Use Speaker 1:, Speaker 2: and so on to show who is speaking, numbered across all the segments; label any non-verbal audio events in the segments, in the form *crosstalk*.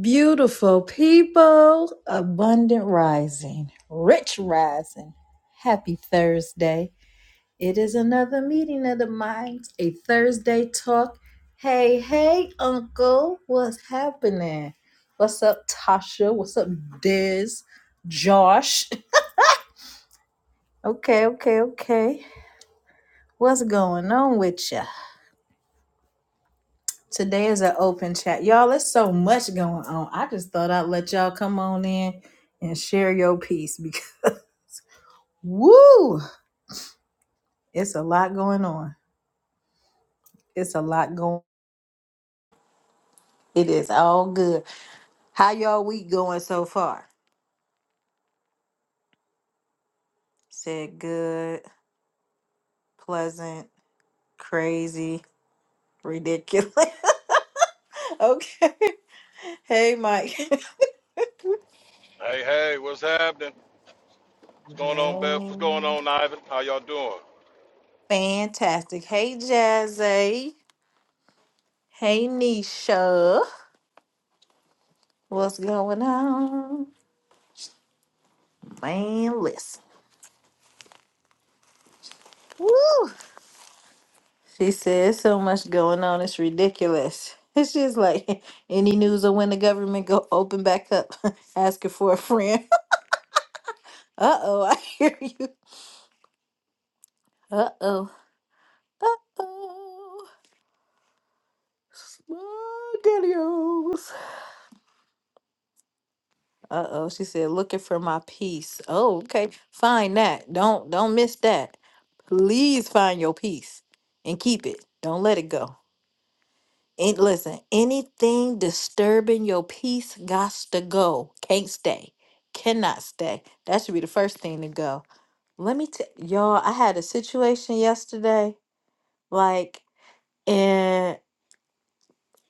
Speaker 1: Beautiful people, abundant rising, rich rising. Happy Thursday. It is another meeting of the minds, a Thursday talk. Hey, hey, Uncle, what's happening? What's up, Tasha? What's up, Diz? Josh? Okay, okay, okay. What's going on with ya? Today is an open chat. Y'all, there's so much going on. I just thought I'd let y'all come on in and share your piece because. *laughs* Woo! It's a lot going on. It's a lot going It is all good. How y'all week going so far? Said good, pleasant, crazy, ridiculous. *laughs* okay. Hey, Mike.
Speaker 2: Hey, hey, what's happening? What's
Speaker 1: *laughs*
Speaker 2: going on, Beth? What's going
Speaker 1: Man.
Speaker 2: on, Ivan? How y'all doing?
Speaker 1: Fantastic. Hey, Jazzy. Hey, Nisha. What's going on? Man, listen. Woo! She says so much going on, it's ridiculous. *laughs* It's just like *laughs* any news of when the government go open back up, *laughs* asking for a friend. *laughs* Uh oh, I *laughs* hear you. Uh oh. Uh oh. Spaghettios. Uh oh, she said looking for my peace. Oh, okay. Find that. Don't don't miss that. Please find your peace and keep it. Don't let it go. And listen, anything disturbing your peace gots to go. Can't stay. Cannot stay. That should be the first thing to go. Let me tell y'all, I had a situation yesterday, like, and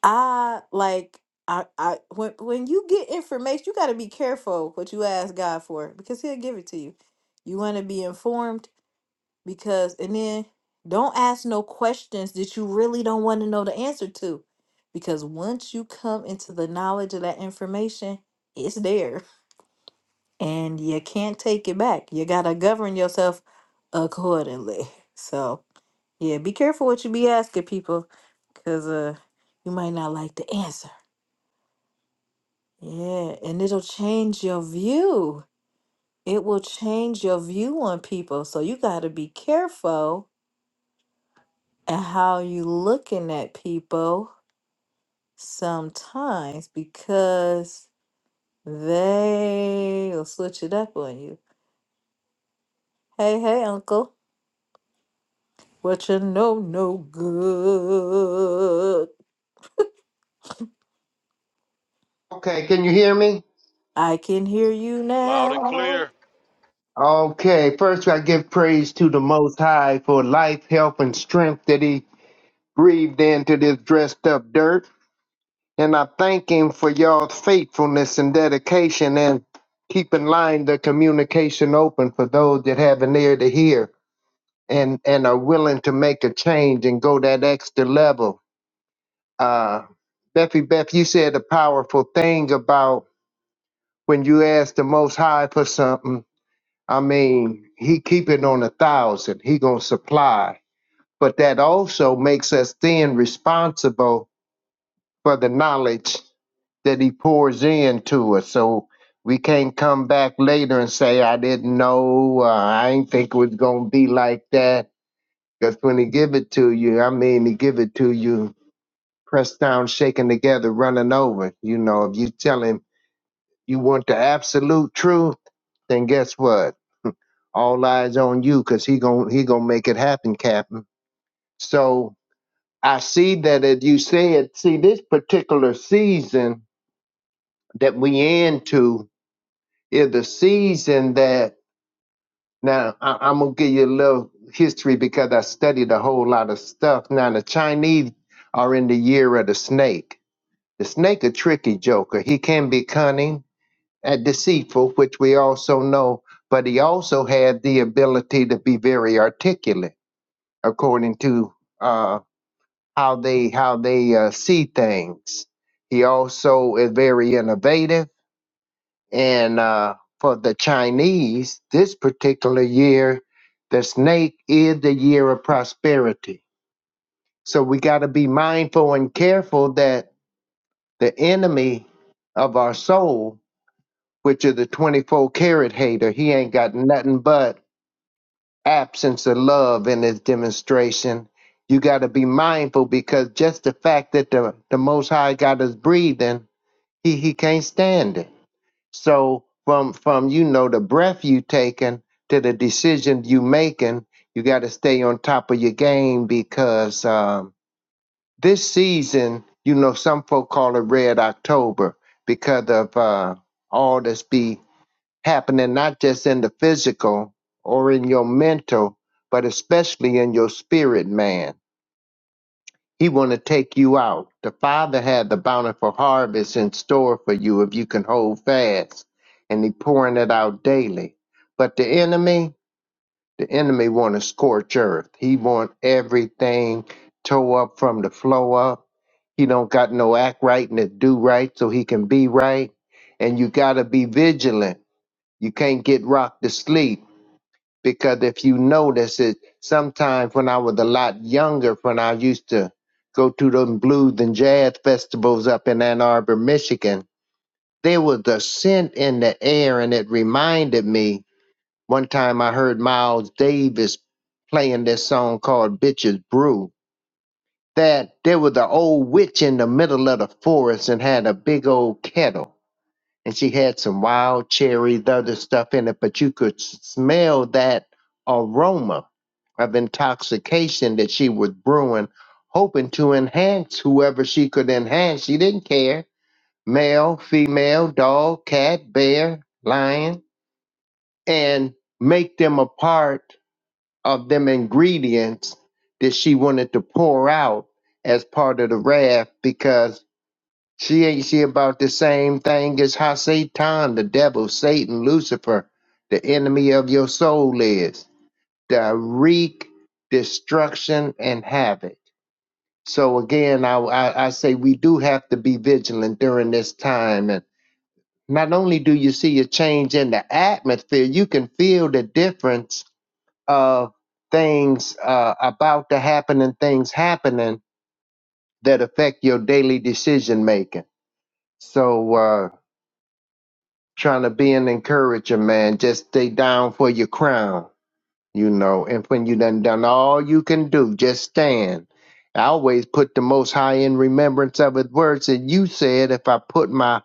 Speaker 1: I like I I when when you get information, you gotta be careful what you ask God for because He'll give it to you. You wanna be informed? because and then don't ask no questions that you really don't want to know the answer to because once you come into the knowledge of that information it's there and you can't take it back you got to govern yourself accordingly so yeah be careful what you be asking people because uh you might not like the answer yeah and it'll change your view it will change your view on people so you got to be careful and how you looking at people sometimes because they will switch it up on you. Hey, hey, uncle. What you know, no good.
Speaker 3: Okay, can you hear me?
Speaker 1: I can hear you
Speaker 2: Loud and
Speaker 1: now.
Speaker 2: clear.
Speaker 3: Okay, first I give praise to the Most High for life, health, and strength that He breathed into this dressed up dirt. And I thank Him for y'all's faithfulness and dedication and keep in line the communication open for those that have an ear to hear and, and are willing to make a change and go that extra level. Uh, Beffy Beth, you said a powerful thing about when you ask the Most High for something I mean, he keep it on a thousand. He gonna supply, but that also makes us then responsible for the knowledge that he pours into us. So we can't come back later and say, "I didn't know. Uh, I ain't think it was gonna be like that." Because when he give it to you, I mean, he give it to you, pressed down, shaken together, running over. You know, if you tell him you want the absolute truth, then guess what? all eyes on you because he gon' he gonna make it happen captain so i see that as you said see this particular season that we into is the season that now I, i'm gonna give you a little history because i studied a whole lot of stuff now the chinese are in the year of the snake the snake a tricky joker he can be cunning and deceitful which we also know but he also had the ability to be very articulate according to uh, how they how they uh, see things. He also is very innovative, and uh, for the Chinese, this particular year, the snake is the year of prosperity. So we got to be mindful and careful that the enemy of our soul, which is the twenty-four karat hater, he ain't got nothing but absence of love in this demonstration. You got to be mindful because just the fact that the, the Most High got us breathing, he, he can't stand it. So from from you know the breath you taking to the decision you making, you got to stay on top of your game because um, this season, you know, some folk call it Red October because of uh, all that's be happening not just in the physical or in your mental, but especially in your spirit, man. He want to take you out. The Father had the bountiful harvest in store for you if you can hold fast, and He pouring it out daily. But the enemy, the enemy want to scorch earth. He want everything tore up from the flow up. He don't got no act right and to do right so he can be right. And you got to be vigilant. You can't get rocked to sleep because if you notice it, sometimes when I was a lot younger, when I used to go to them blues and jazz festivals up in Ann Arbor, Michigan, there was a scent in the air, and it reminded me. One time I heard Miles Davis playing this song called Bitches Brew. That there was an old witch in the middle of the forest and had a big old kettle and she had some wild cherries, other stuff in it, but you could smell that aroma of intoxication that she was brewing, hoping to enhance whoever she could enhance. She didn't care male, female, dog, cat, bear, lion, and make them a part of them ingredients that she wanted to pour out as part of the raft because. She ain't she about the same thing as how Satan, the devil, Satan, Lucifer, the enemy of your soul is. Direct destruction and havoc. So again, I, I I say we do have to be vigilant during this time. And not only do you see a change in the atmosphere, you can feel the difference of things uh, about to happen and things happening that affect your daily decision making. So. uh, trying to be an encourager, man. Just stay down for your crown, you know. And when you done done all you can do, just stand. I always put the Most High in remembrance of His words, and you said, if I put my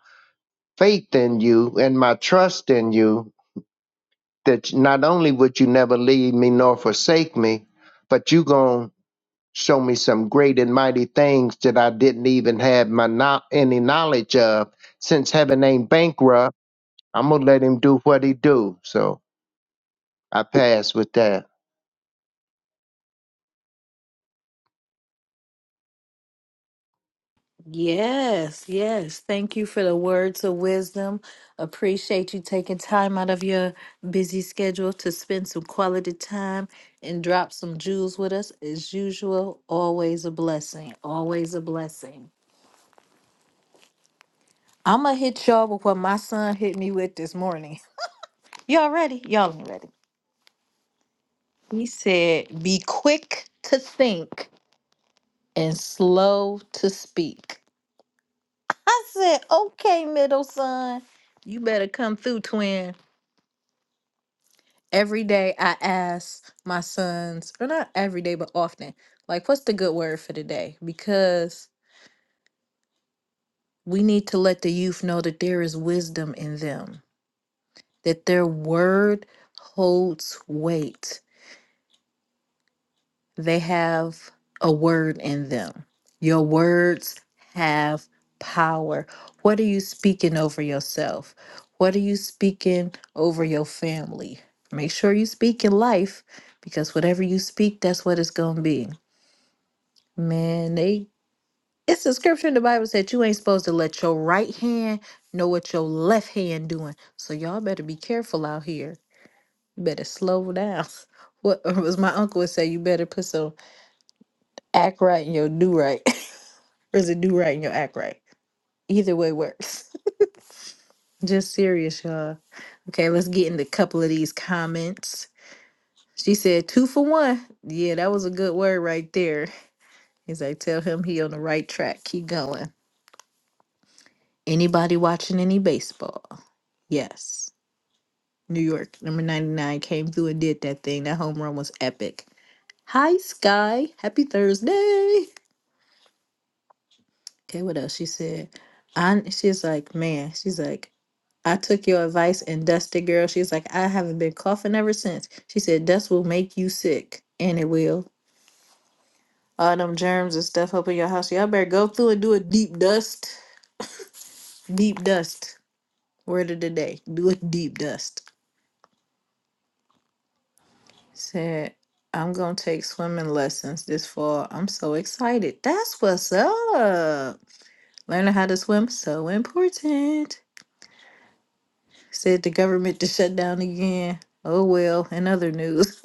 Speaker 3: faith in you and my trust in you, that not only would you never leave me nor forsake me, but you gonna show me some great and mighty things that I didn't even have my no- any knowledge of. Since heaven ain't bankrupt, I'm gonna let him do what he do. So I pass with that.
Speaker 1: Yes, yes. Thank you for the words of wisdom. Appreciate you taking time out of your busy schedule to spend some quality time and drop some jewels with us. As usual, always a blessing. Always a blessing. I'm going to hit y'all with what my son hit me with this morning. Y'all ready? Y'all ain't ready. He said, Be quick to think and slow to speak. I said, Okay, middle son. You better come through, twin. Every day I ask my sons, or not every day, but often, like, what's the good word for today? Because we need to let the youth know that there is wisdom in them, that their word holds weight. They have a word in them. Your words have power. What are you speaking over yourself? What are you speaking over your family? Make sure you speak in life because whatever you speak, that's what it's going to be. Man, they it's a scripture in the Bible said you ain't supposed to let your right hand know what your left hand doing. So y'all better be careful out here. You better slow down. *laughs* What was my uncle would say, you better put some act right in your do right. *laughs* or is it do right in your act right? Either way works. *laughs* Just serious, y'all. Okay, let's get into a couple of these comments. She said two for one. Yeah, that was a good word right there. He's like, tell him he on the right track. Keep going. Anybody watching any baseball? Yes. New York, number 99, came through and did that thing. That home run was epic. Hi, Sky. Happy Thursday. Okay, what else she said? I, she's like, man, she's like, I took your advice and dusted, girl. She's like, I haven't been coughing ever since. She said, dust will make you sick, and it will. All them germs and stuff up in your house. Y'all better go through and do a deep dust. Deep dust. Word of the day. Do a deep dust. Said, I'm gonna take swimming lessons this fall. I'm so excited. That's what's up. Learning how to swim, so important. Said the government to shut down again. Oh well, in other news. *laughs*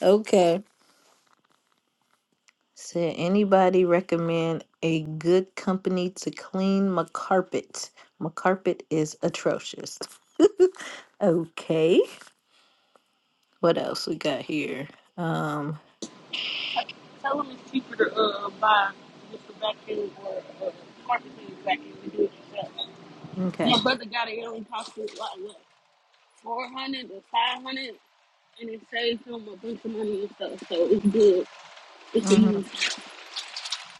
Speaker 1: Okay. Said anybody recommend a good company to clean my carpet? My carpet is atrocious. Okay. What else we got here? Um,
Speaker 4: Tell them it's cheaper to uh, buy just a vacuum or a uh, carpet cleaner vacuum and do it yourself.
Speaker 1: okay.
Speaker 4: My brother got it. It only cost him like what, four hundred or five hundred, and it saves him a bunch of money and stuff. So it's good. It's a
Speaker 1: Mm-hmm.
Speaker 4: use.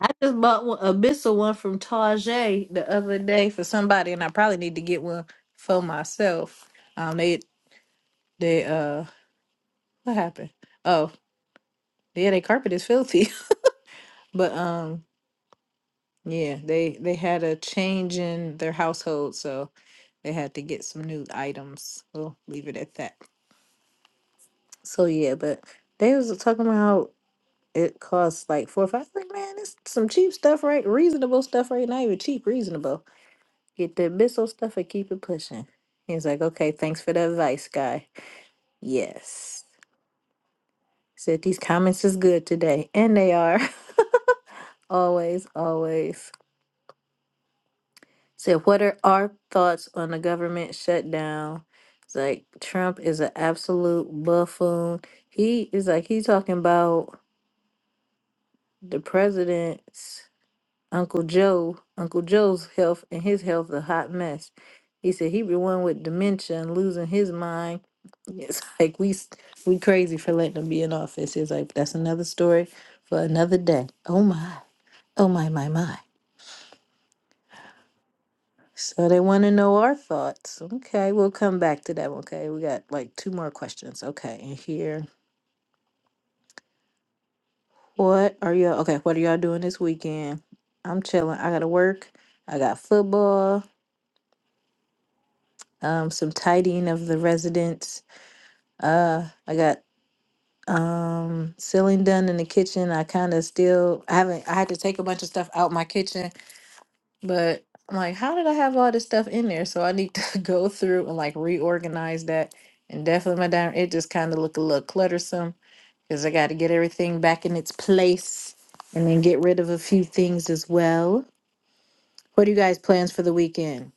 Speaker 1: I just bought one, a missile one from Target the other day for somebody, and I probably need to get one for myself. Um, they they uh, what happened? Oh, yeah, their carpet is filthy, *laughs* but um, yeah, they they had a change in their household, so they had to get some new items. We'll leave it at that. So yeah, but they was talking about how it costs like four or five. Like man, it's some cheap stuff, right? Reasonable stuff, right? Not even cheap, reasonable. Get that missile stuff and keep it pushing. He's like, okay, thanks for the advice, guy. Yes. Said these comments is good today. And they are. *laughs* always, always. Said, what are our thoughts on the government shutdown? It's like Trump is an absolute buffoon. He is like he talking about the president's. Uncle Joe, Uncle Joe's health and his health a hot mess. He said he be one with dementia and losing his mind. It's *laughs* like we s- we crazy for letting him be in office. It's like that's another story for another day. Oh my, oh my, my my. So they want to know our thoughts. Okay, we'll come back to that. one. Okay, we got like two more questions. Okay, and here, what are y'all? Okay, what are y'all doing this weekend? I'm chilling. I gotta work. I got football. Um, some tidying of the residence Uh, I got um ceiling done in the kitchen. I kind of still I haven't I had to take a bunch of stuff out my kitchen, but I'm like, how did I have all this stuff in there? So I need to *laughs* go through and like reorganize that. And definitely my dining it just kind of look a little cluttersome because I got to get everything back in its place and then get rid of a few things as well. What are you guys plans for the weekend?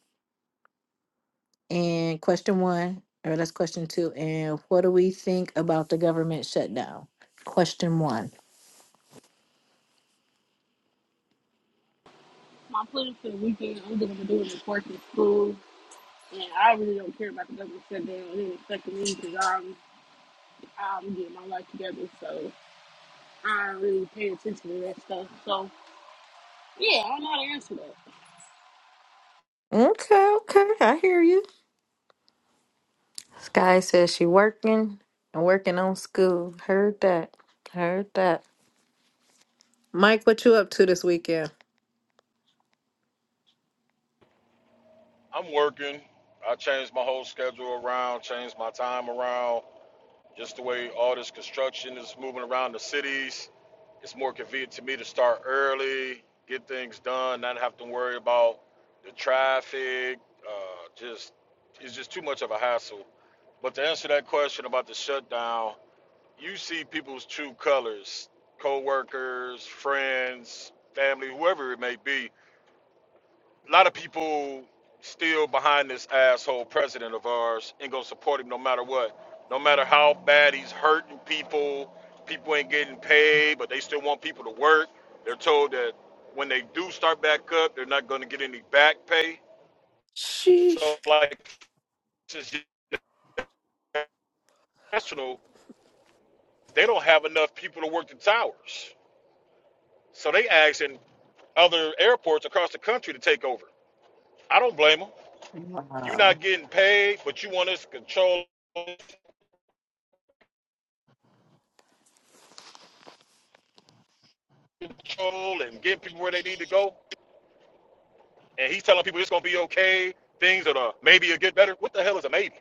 Speaker 1: And question one, or that's question two. And what do we think about the government shutdown? Question one.
Speaker 4: My plan for the weekend, I'm gonna do it in work and school. And I really don't care about the government shutdown and it ain't affecting me because I'm, I'm getting my life together. So I don't really pay attention to that stuff. So yeah, I don't know how to answer that.
Speaker 1: Okay, okay, I hear you. Sky says she working and working on school. Heard that. Heard that. Mike, what you up to this weekend?
Speaker 2: I'm working. I changed my whole schedule around, changed my time around. Just the way all this construction is moving around the cities, it's more convenient to me to start early, get things done, not have to worry about the traffic. Uh, just it's just too much of a hassle. But to answer that question about the shutdown, you see people's true colors co-workers friends family whoever it may be a lot of people still behind this asshole president of ours ain't gonna support him no matter what no matter how bad he's hurting people people ain't getting paid but they still want people to work they're told that when they do start back up they're not gonna get any back pay
Speaker 1: Sheesh.
Speaker 2: so like since national they don't have enough people to work the towers so they asking other airports across the country to take over. I don't blame them. You're not
Speaker 1: Wow.
Speaker 2: getting paid, but you want us to control, control and get people where they need to go. And he's telling people it's gonna be okay. Things that are maybe will get better. What the hell is a maybe?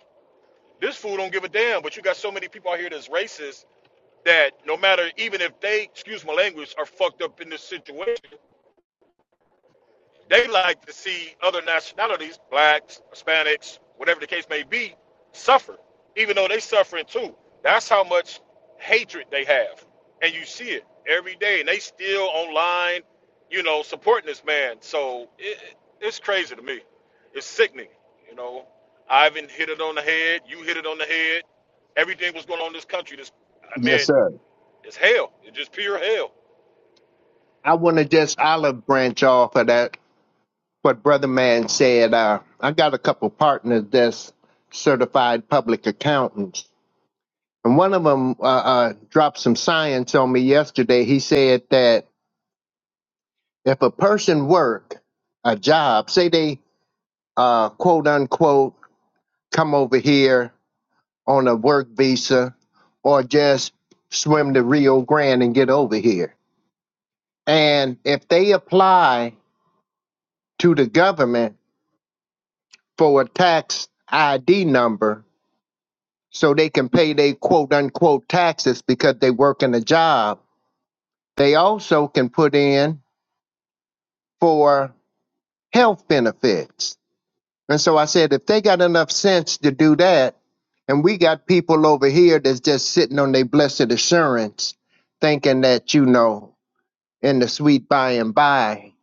Speaker 2: This fool don't give a damn. But you got so many people out here that's racist that no matter even if they, excuse my language, are fucked up in this situation They like to see other nationalities, blacks, Hispanics, whatever the case may be, suffer, even though they suffering too. That's how much hatred they have. And you see it every day. And they still online, you know, supporting this man. So it, it's crazy to me. It's sickening. You know, Ivan hit it on the head. You hit it on the head. Everything was going on in this country. This, I
Speaker 3: Yes,
Speaker 2: mean,
Speaker 3: sir.
Speaker 2: it's hell. It's just pure hell.
Speaker 3: I want to just olive branch off of that. What Brother Man said, uh, I got a couple partners that's certified public accountants. And one of them uh, uh, dropped some science on me yesterday. He said that if a person work a job, say they uh, quote unquote come over here on a work visa or just swim the Rio Grande and get over here. And if they apply to the government for a tax ID number so they can pay their quote unquote taxes because they work in a job. They also can put in for health benefits. And so I said, if they got enough sense to do that, and we got people over here that's just sitting on their blessed assurance, thinking that, you know, in the sweet by and by,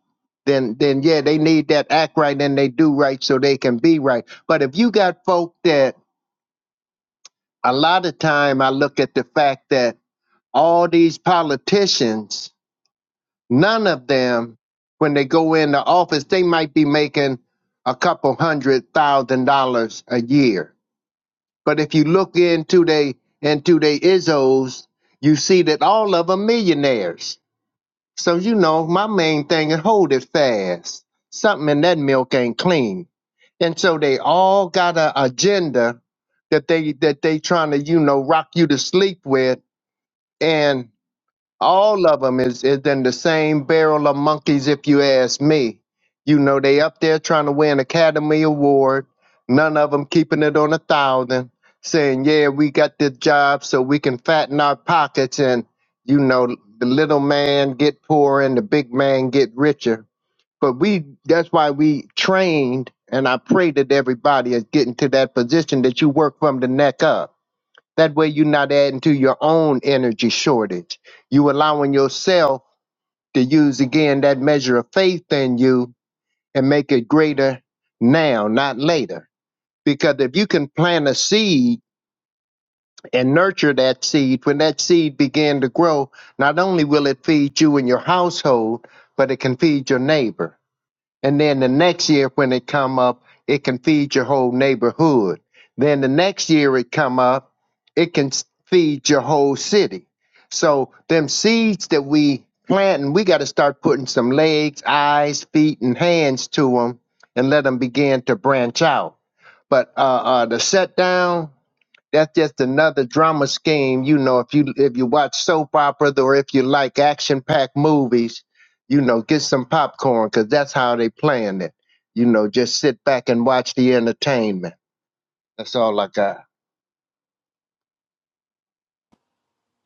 Speaker 3: then then yeah, they need that act right and they do right so they can be right. But if you got folk that a lot of time I look at the fact that all these politicians, none of them, when they go into office, they might be making a couple hundred thousand dollars a year. But if you look into they into they ISOs, you see that all of them millionaires so, you know, my main thing is hold it fast. Something in that milk ain't clean. And so they all got a agenda that they that they trying to, you know, rock you to sleep with. and all of them is, is in the same barrel of monkeys if you ask me you know they up there trying to win academy award none of them keeping it on a thousand saying yeah we got this job so we can fatten our pockets and you know the little man get poor and the big man get richer but we that's why we trained and i pray that everybody is getting to that position that you work from the neck up that way you're not adding to your own energy shortage. You allowing yourself to use again that measure of faith in you and make it greater now, not later. Because if you can plant a seed and nurture that seed, when that seed began to grow, not only will it feed you and your household, but it can feed your neighbor and then the next year when it come up, it can feed your whole neighborhood. Then the next year it come up, it can s- feed your whole city. So them seeds that we planting, we got to start putting some legs, eyes, feet, and hands to them, and let them begin to branch out. But uh, uh, the set down. That's just another drama scheme. You know, if you if you watch soap opera or if you like action packed movies, you know, get some popcorn because that's how they playing it. You know, just sit back and watch the entertainment. That's all I got.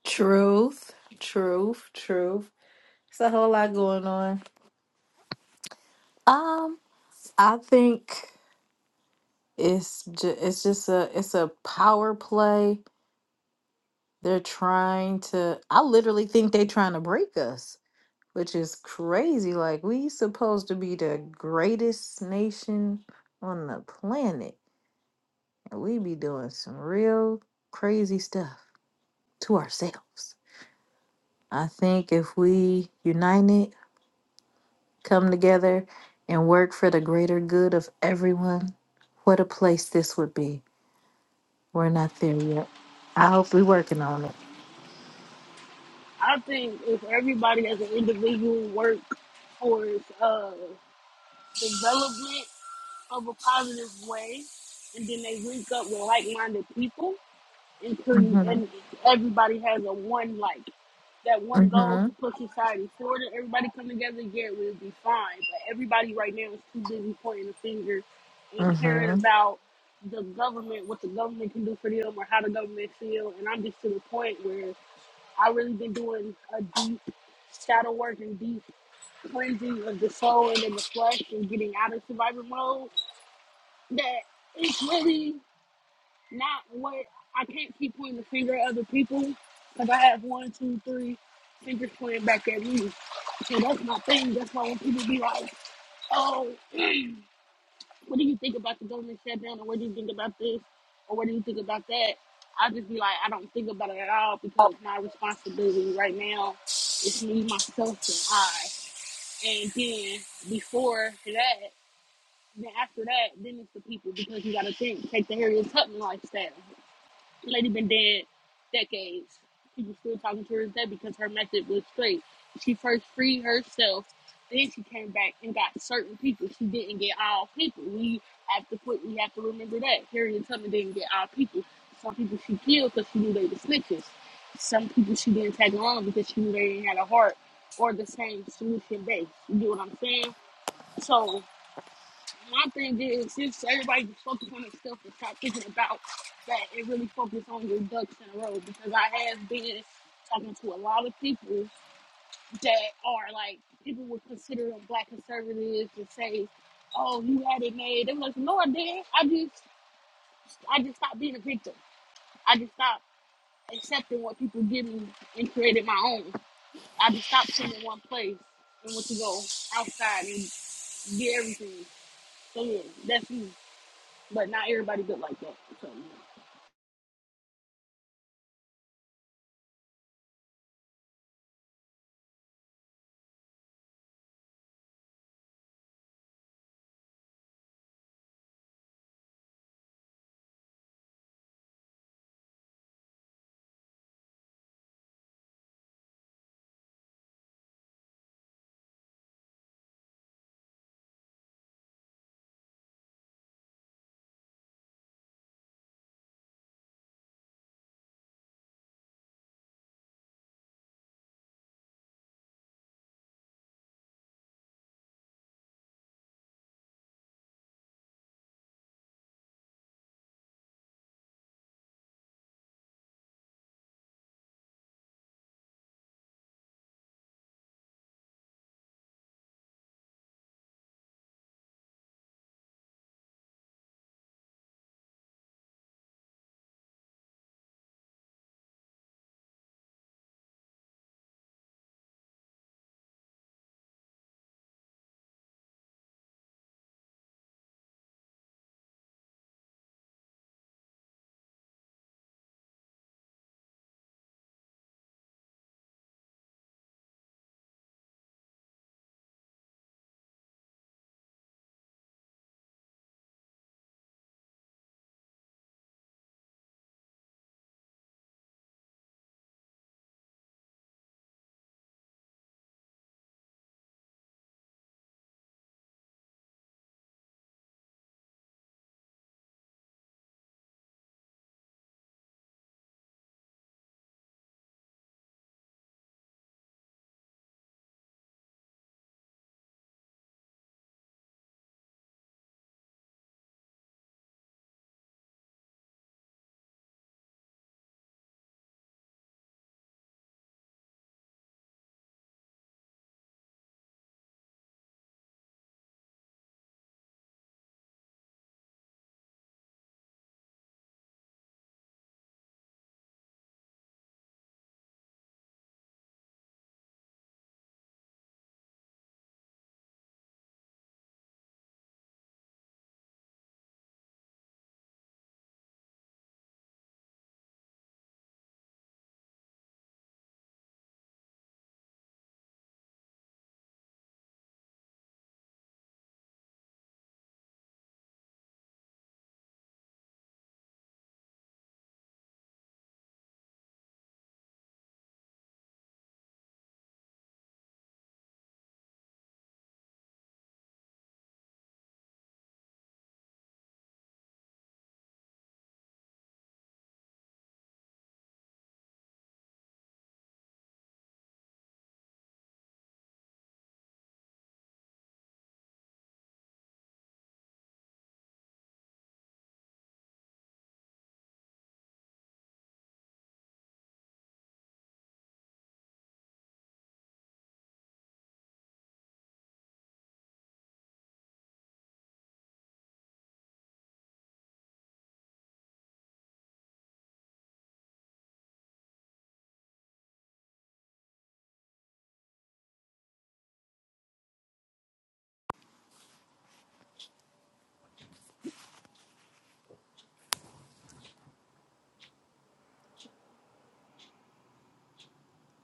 Speaker 1: Truth, truth, truth. It's a whole lot going on. Um, I think it's ju- it's just a it's a power play. They're trying to. I literally think they're trying to break us. which is crazy. Like we supposed to be the greatest nation on the planet, and we be doing some real crazy stuff to ourselves. I think if we united, come together, and work for the greater good of everyone, what a place this would be. We're not there yet. I hope we're working on it.
Speaker 4: I think if everybody as an individual work towards uh, development of a positive way, and then they link up with like-minded people, and pretty,
Speaker 1: Mm-hmm.
Speaker 4: and everybody has a one like that one goal to
Speaker 1: Mm-hmm.
Speaker 4: put society forward, and everybody come together, yeah, we'll be fine. But everybody right now is too busy pointing the finger and caring
Speaker 1: Mm-hmm.
Speaker 4: about the government, what the government can do for them, or how the government feel. And I'm just to the point where I really been doing a deep shadow work and deep cleansing of the soul and of the flesh and getting out of survivor mode. That it's really not what I can't keep pointing the finger at other people because I have one, two, three fingers pointing back at me. So that's my thing. That's why when people be like, "Oh," what do you think about the government shutdown or what do you think about this or what do you think about that? I'll just be like, I don't think about it at all because my responsibility right now is me, myself, and I. And then before that, then after that, then it's the people because you got to think, take the Harriet Tubman lifestyle. The lady been dead decades. People still talking to her today because her method was straight. She first freed herself, then she came back and got certain people. She didn't get all people. We have to put we have to remember that. Harriet Tubman didn't get all people. Some people she killed because she knew they were snitches. Some people she didn't take along because she knew they didn't have a heart or the same solution base. You get what I'm saying? So my thing is since everybody just focus on themselves and stop thinking about that It really focus on your ducks in a row because I have been talking to a lot of people that are like people would consider them black conservatives and say, Oh, you had it made. They were like, No, I did. I just I just stopped being a victim. I just stopped accepting what people give me and created my own. I just stopped sitting in one place and went to go outside and get everything. So yeah, that's me. but not everybody good like that. So.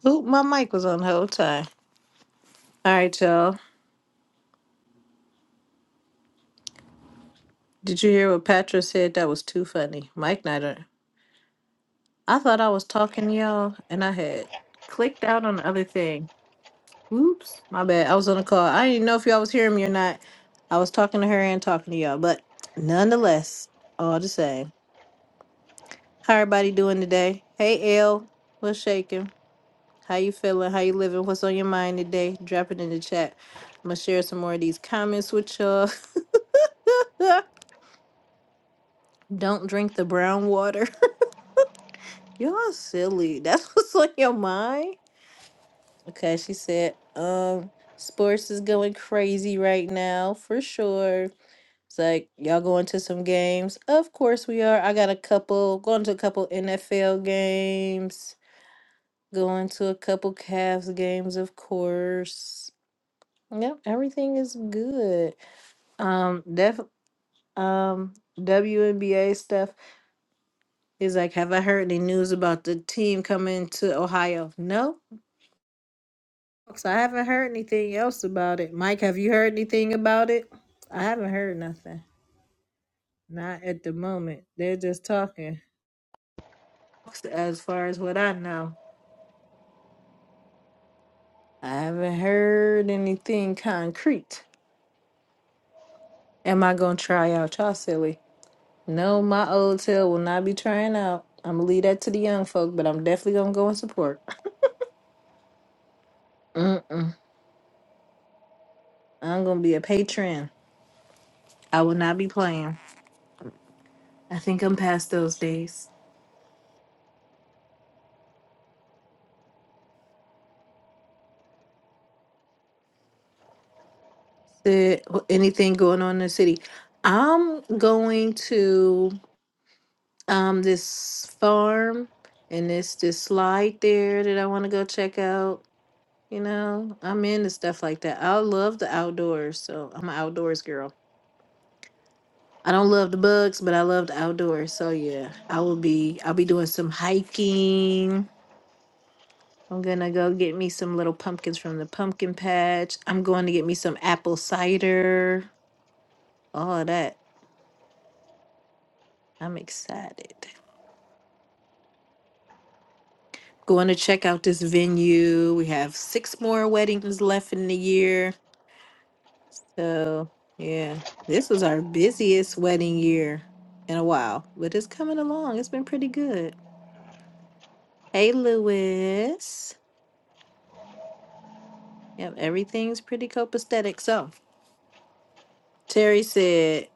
Speaker 1: Oop, my mic was on the whole time. All right, y'all. Did you hear what Patra said? That was too funny. Mike Nighter. I thought I was talking to y'all and I had clicked out on the other thing. Oops, my bad. I was on a call. I didn't know if y'all was hearing me or not. I was talking to her and talking to y'all, but nonetheless, all the same. How everybody doing today? Hey L, what's shaking? How you feeling? How you living? What's on your mind today? Drop it in the chat. I'm gonna share some more of these comments with y'all. *laughs* Don't drink the brown water. Y'all silly. That's *laughs* what's on your mind? Okay, she said, um, sports is going crazy right now for sure. It's like, y'all going to some games? Of course we are. I got a couple, going to a couple NFL games, going to a couple Cavs games, of course. Yep, everything is good. Um, def um WNBA stuff is like, have I heard any news about the team coming to Ohio? No, So I haven't heard anything else about it. Mike, have you heard anything about it? I haven't heard nothing. Not at the moment. They're just talking. As far as what I know, I haven't heard anything concrete. Am I gonna try out? Y'all silly. No, my old tail will not be trying out. I'm gonna leave that to the young folk, but I'm definitely gonna go and support. Mm-mm. I'm gonna be a patron. I will not be playing. I think I'm past those days. the wh- anything going on in the city. I'm going to um this farm and it's this slide there that I want to go check out. You know, I'm into stuff like that. I love the outdoors, so I'm an outdoors girl. I don't love the bugs, but I love the outdoors. So yeah, I will be I'll be doing some hiking. I'm gonna go get me some little pumpkins from the pumpkin patch. I'm going to get me some apple cider. All of that. I'm excited. going to check out this venue. We have six more weddings left in the year. So, yeah, this was our busiest wedding year in a while, but it's coming along. It's been pretty good. Hey, Lewis. Yep, everything's pretty copacetic. So, Terry said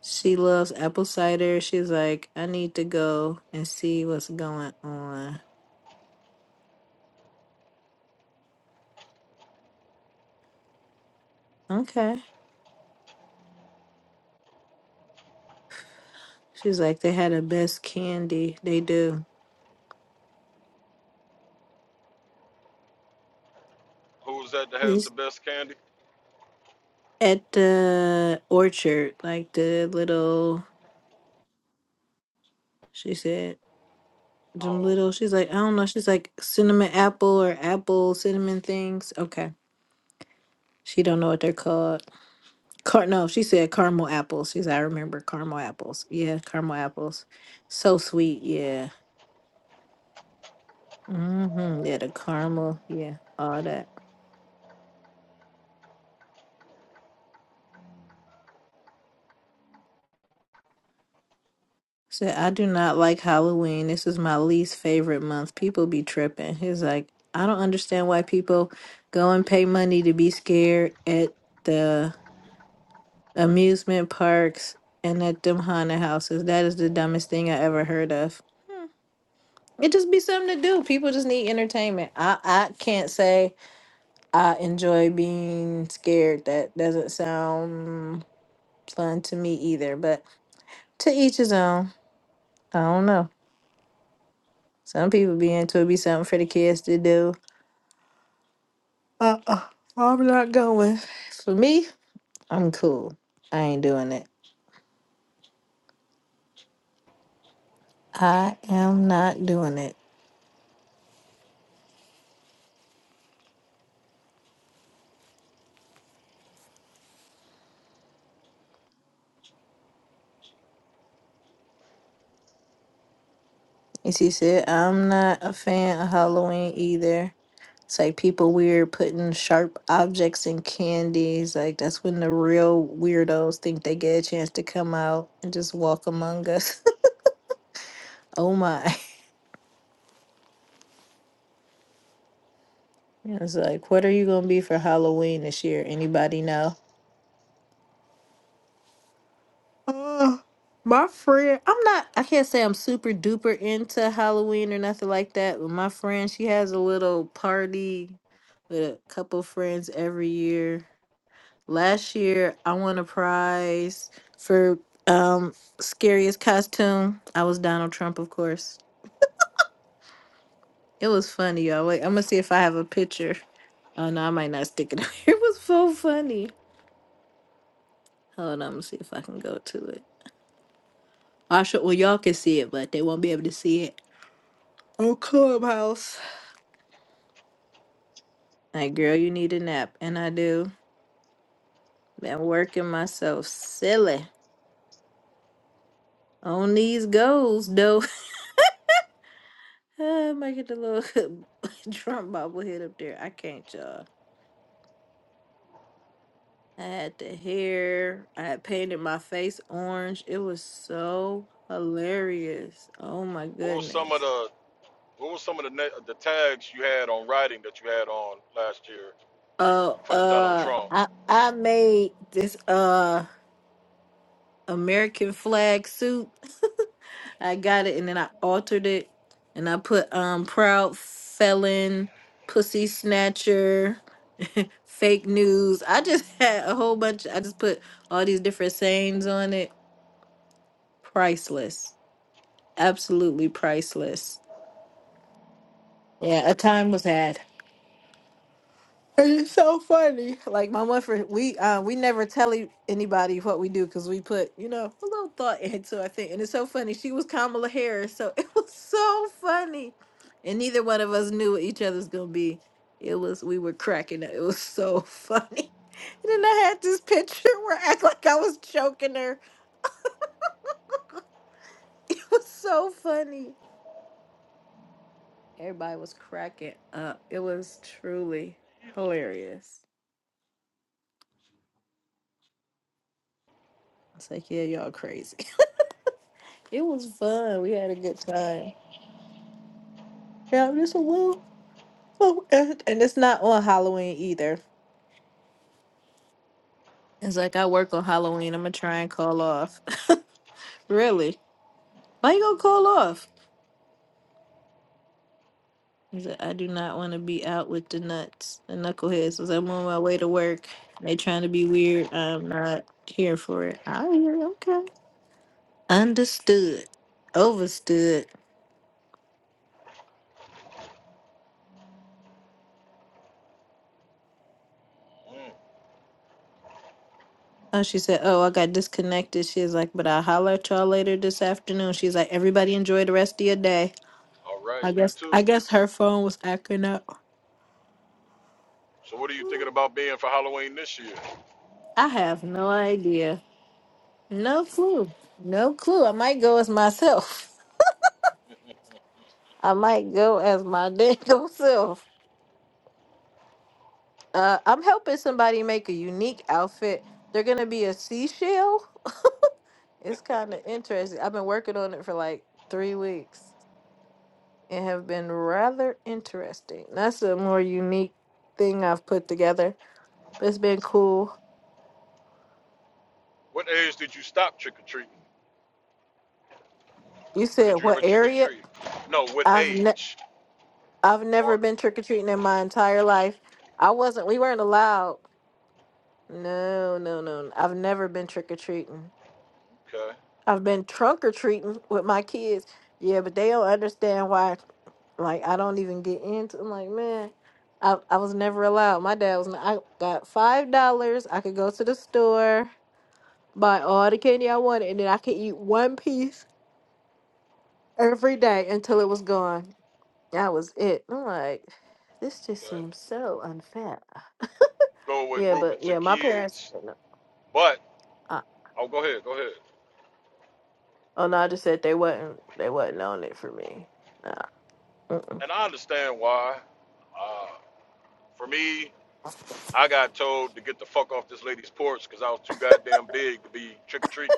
Speaker 1: she loves apple cider. She's like, I need to go and see what's going on. Okay. She's like, they had the best candy. They do.
Speaker 2: Who's that that has the best candy?
Speaker 1: at the orchard, like the little, she said, them
Speaker 2: Oh,
Speaker 1: little, she's like, I don't know, she's like cinnamon apple or apple cinnamon things. Okay. She don't know what they're called. Car- no, she said caramel apples. She's I remember caramel apples. Yeah, caramel apples. So sweet. Yeah. Mm-hmm. Yeah, the caramel. Yeah, all that. Said, I do not like Halloween. This is my least favorite month. People be tripping. He's like, I don't understand why people go and pay money to be scared at the amusement parks and at them haunted houses. That is the dumbest thing I ever heard of. It just be something to do. People just need entertainment. I, I can't say I enjoy being scared. That doesn't sound fun to me either, but to each his own. I don't know. Some people be into it, be something for the kids to do. Uh uh, I'm not going. For me, I'm cool. I ain't doing it. I am not doing it. And she said, I'm not a fan of Halloween either. It's like people weird putting sharp objects in candies. Like that's when the real weirdos think they get a chance to come out and just walk among us. *laughs* oh my. *laughs* It's like, what are you gonna be for Halloween this year? Anybody know? Uh, my friend, I'm not, I can't say I'm super duper into Halloween or nothing like that, but my friend, she has a little party with a couple friends every year. Last year, I won a prize for um scariest costume. I was Donald Trump, of course. It was funny, y'all. Wait, I'm gonna see if I have a picture. Oh no, I might not stick it. *laughs* It was so funny. Hold on, I'm gonna see if I can go to it. I should, well, y'all can see it, but they won't be able to see it. on Clubhouse. Like, girl, you need a nap. And I do. Been working myself silly on these goals, though. *laughs* Ah, Make it a little *laughs* Trump bobblehead up there. I can't, y'all. I had the hair. I had painted my face orange. It was so hilarious. Oh my
Speaker 2: what was some of
Speaker 1: goodness.
Speaker 2: the What were some of the ne- the tags you had on writing that you had on last year
Speaker 1: Oh,
Speaker 2: for the Donald
Speaker 1: uh,
Speaker 2: Trump?
Speaker 1: I I made this uh American flag suit I got it and then I altered it and I put um proud felon, pussy snatcher, *laughs* fake news. I just *laughs* had a whole bunch. I just put all these different sayings on it. Priceless. Absolutely priceless. Yeah, a time was had. It's so funny. Like my one friend, we uh, we never tell e- anybody what we do because we put you know a little thought into it, I think, and it's so funny. She was Kamala Harris, so *laughs* it was so funny, and neither one of us knew what each other's gonna be. It was we were cracking up. It was so *laughs* funny. And then I had this picture where I act like I was choking her. *laughs* It was so funny. Everybody was cracking up. It was truly hilarious. It's like yeah, y'all crazy. It was fun. We had a good time. Yeah, this a well. Oh, and and it's not on Halloween either. It's like I work on Halloween. I'm gonna try and call off. *laughs* really? Why you gonna call off? He's like, I do not want to be out with the nuts and knuckleheads. As I'm on my way to work, they trying to be weird. I'm not here for it. I hear. Okay. Understood. Overstood.
Speaker 2: Mm,
Speaker 1: Oh, she said, Oh, I got disconnected. She's like, But I'll holler at y'all later this afternoon. She's like, Everybody enjoy the rest of your day.
Speaker 2: all right,
Speaker 1: I
Speaker 2: you
Speaker 1: guess I
Speaker 2: too.
Speaker 1: guess her phone was acting up.
Speaker 2: So, what are you thinking about being for Halloween this year?
Speaker 1: I have no idea. No clue. No clue. I might go as myself. I might go as my dangle *laughs* self. Uh, I'm helping somebody make a unique outfit. They're gonna be a seashell. It's kind of interesting. I've been working on it for like three weeks and have been rather interesting. That's a more unique thing I've put together, but it's been cool.
Speaker 2: What age did you stop trick or treating,
Speaker 1: You
Speaker 2: or
Speaker 1: said
Speaker 2: did you
Speaker 1: what
Speaker 2: ever trick or
Speaker 1: area?
Speaker 2: treat? No, what
Speaker 1: I've ne-
Speaker 2: age?
Speaker 1: I've never
Speaker 2: Or
Speaker 1: been trick or treating in my entire life. I wasn't. We weren't allowed. No, no, no. no. I've never been trick or treating.
Speaker 2: okay,
Speaker 1: I've been trunk or treating with my kids. Yeah, but they don't understand why. Like I don't even get into. I'm like, man, I I was never allowed. My dad was. not- I got five dollars. I could go to the store, buy all the candy I wanted, and then I could eat one piece every day until it was gone. That was it. I'm like, this just
Speaker 2: okay.
Speaker 1: seems so unfair.
Speaker 2: Go with
Speaker 1: Yeah, but
Speaker 2: grouping to
Speaker 1: yeah, my parents.
Speaker 2: kids, but
Speaker 1: Uh,
Speaker 2: oh, go ahead, go ahead.
Speaker 1: oh no, I just said they wasn't. They wasn't on it for me. Nah. Mm-mm.
Speaker 2: And I understand why. Uh, for me, I got told to get the fuck off this lady's porch because I was too goddamn big to be trick or treating.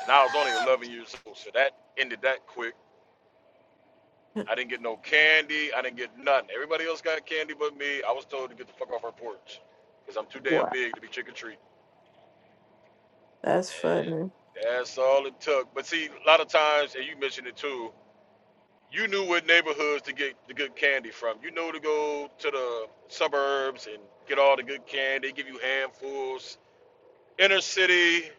Speaker 2: and I was only 11 years old, so that ended that quick. I didn't get no candy. I didn't get nothing. Everybody else got candy but me. I was told to get the fuck off our porch because I'm too damn
Speaker 1: Wow,
Speaker 2: big to be trick or treat.
Speaker 1: that's
Speaker 2: And
Speaker 1: funny.
Speaker 2: that's all it took. But see, a lot of times, and you mentioned it too, you knew what neighborhoods to get the good candy from. You know to go to the suburbs and get all the good candy, give you handfuls. Inner city,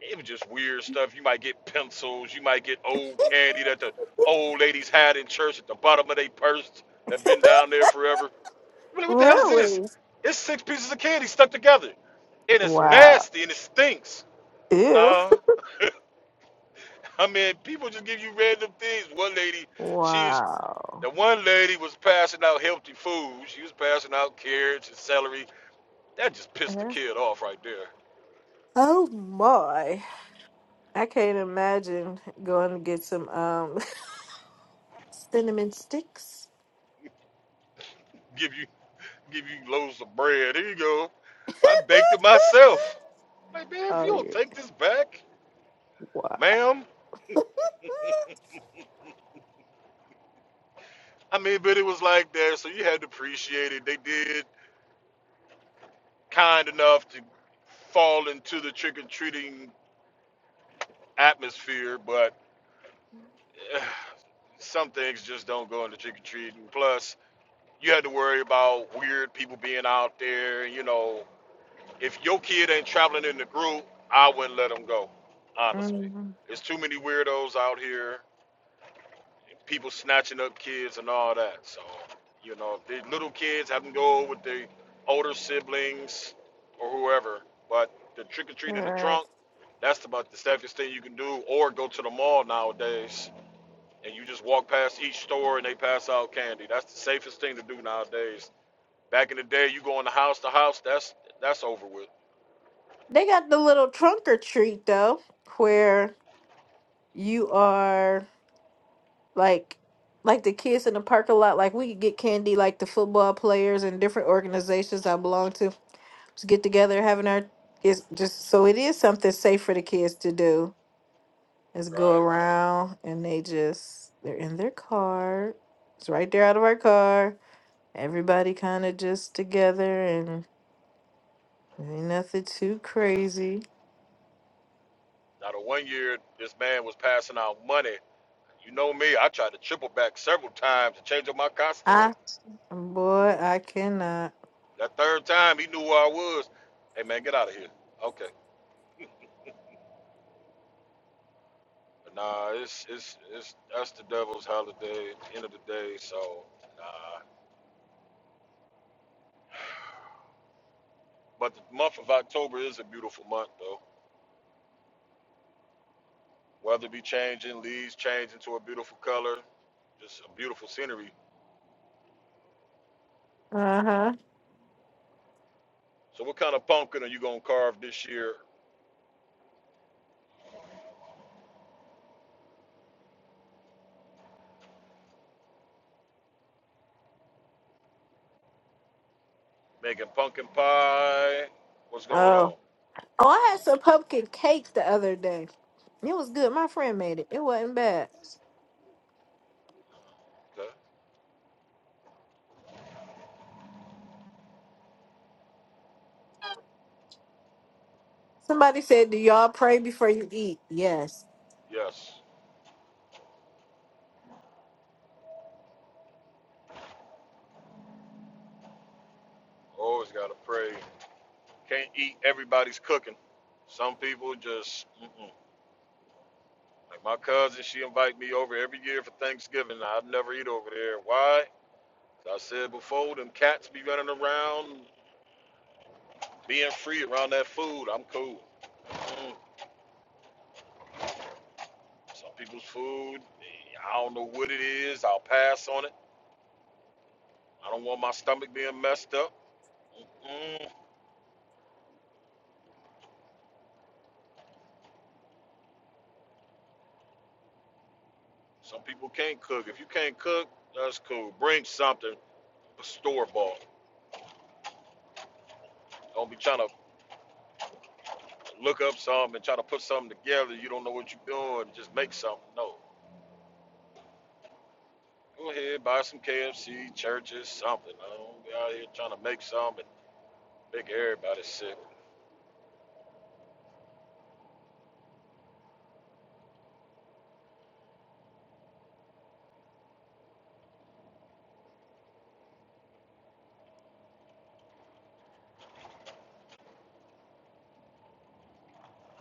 Speaker 2: It was just weird stuff. You might get pencils. You might get old candy that the old ladies had in church at the bottom of their purse that been down there forever. I'm like, what the hell is this?
Speaker 1: Really?
Speaker 2: It's six pieces of candy stuck together. And it's
Speaker 1: Wow.
Speaker 2: nasty and it stinks.
Speaker 1: Ew.
Speaker 2: No. *laughs* I mean, people just give you random things. One lady, she was,
Speaker 1: Wow.
Speaker 2: the one lady was passing out healthy food. She was passing out carrots and celery. That just pissed the
Speaker 1: Uh-huh.
Speaker 2: kid off right there.
Speaker 1: Oh my! I can't imagine going to get some um *laughs* cinnamon sticks.
Speaker 2: Give you give you loaves of bread. Here you go.
Speaker 1: *laughs*
Speaker 2: I baked it myself. Like, man, if
Speaker 1: oh
Speaker 2: you don't
Speaker 1: yeah.
Speaker 2: take this back,
Speaker 1: Wow.
Speaker 2: ma'am.
Speaker 1: *laughs*
Speaker 2: I mean, but it was like that, so you had to appreciate it. They did kind enough to fall into the trick or treating atmosphere, but eh, some things just don't go into trick or treating. Plus, you had to worry about weird people being out there. You know, if your kid ain't traveling in the group, I wouldn't let them go, honestly.
Speaker 1: Mhm.
Speaker 2: There's too many weirdos out here people snatching up kids and all that. So, you know, the little kids have them go with the older siblings or whoever. But the trick or
Speaker 1: All
Speaker 2: treat in the
Speaker 1: right.
Speaker 2: trunk, that's about the safest thing you can do. Or go to the mall nowadays and you just walk past each store and they pass out candy. That's the safest thing to do nowadays. Back in the day, you go in the house to house, that's that's over with.
Speaker 1: They got the little trunk or treat though, where you are like like the kids in the parking lot like we could get candy like the football players and different organizations i belong to just get together having our it's just so it is something safe for the kids to do is go
Speaker 2: Right.
Speaker 1: around and they just they're in their car it's right there out of our car everybody kind of just together and ain't nothing too crazy
Speaker 2: Now the one year this man was passing out money. You know me, I tried to triple back several times to change up my costume.
Speaker 1: i boy i cannot
Speaker 2: That third time, he knew where I was. Hey man, get out of here. Okay. Nah, it's it's it's that's the devil's holiday, end of the day. So nah. But the month of October is a beautiful month though. Weather be changing, leaves changing to a beautiful color, just a beautiful scenery.
Speaker 1: uh-huh
Speaker 2: So what kind of pumpkin are you gonna carve this year? Making pumpkin pie? What's going
Speaker 1: oh
Speaker 2: on?
Speaker 1: Oh, I had some pumpkin cake the other day. It was good. My friend made it. It wasn't bad.
Speaker 2: Okay.
Speaker 1: Somebody said, "Do y'all pray before you eat?" Yes,
Speaker 2: Yes. Always gotta pray. Can't eat everybody's cooking. Some people just mm-mm. Like my cousin, she invite me over every year for Thanksgiving. I never eat over there. Why? 'Cause I said before, them cats be running around, being free around that food. I'm cool. Mm, some people's food, I don't know what it is. I'll pass on it. I don't want my stomach being messed up. Mm-mm. Some people can't cook. If you can't cook, that's cool. Bring something store bought. Don't be trying to look up something and try to put something together. You don't know what you're doing. Just make something. No. Go ahead, buy some KFC, churches, something. I don't be out here trying to make some and make everybody sick.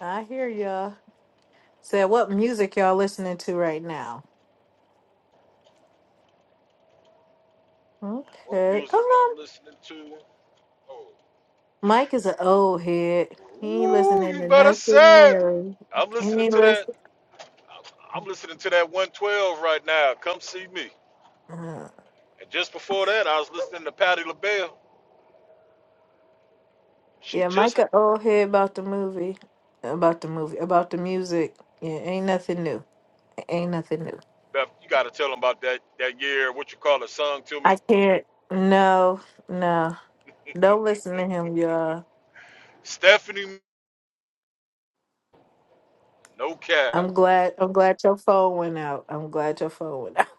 Speaker 1: I hear y'all. Said, "What music y'all listening to right now?"
Speaker 2: What
Speaker 1: Okay.
Speaker 2: music
Speaker 1: Um,
Speaker 2: I'm listening to? Oh,
Speaker 1: Mike is an old head. He ain't
Speaker 2: ooh,
Speaker 1: listening
Speaker 2: you
Speaker 1: to
Speaker 2: better
Speaker 1: nothing
Speaker 2: say it.
Speaker 1: new.
Speaker 2: I'm
Speaker 1: He
Speaker 2: listening
Speaker 1: ain't
Speaker 2: to that.
Speaker 1: listening.
Speaker 2: I'm listening to that 112 right now. Come see me. And just before that, I was listening to Patti LaBelle. She
Speaker 1: yeah,
Speaker 2: just,
Speaker 1: Mike an old head about the movie, about the movie, about the music. Yeah, ain't nothing new. Ain't nothing new.
Speaker 2: Beth, you got to tell them about that that year. What you call it? song to me.
Speaker 1: I can't. No, no. Don't listen to him, y'all.
Speaker 2: Stephanie, no cap.
Speaker 1: I'm glad. I'm glad your phone went out. I'm glad your phone went out. *laughs*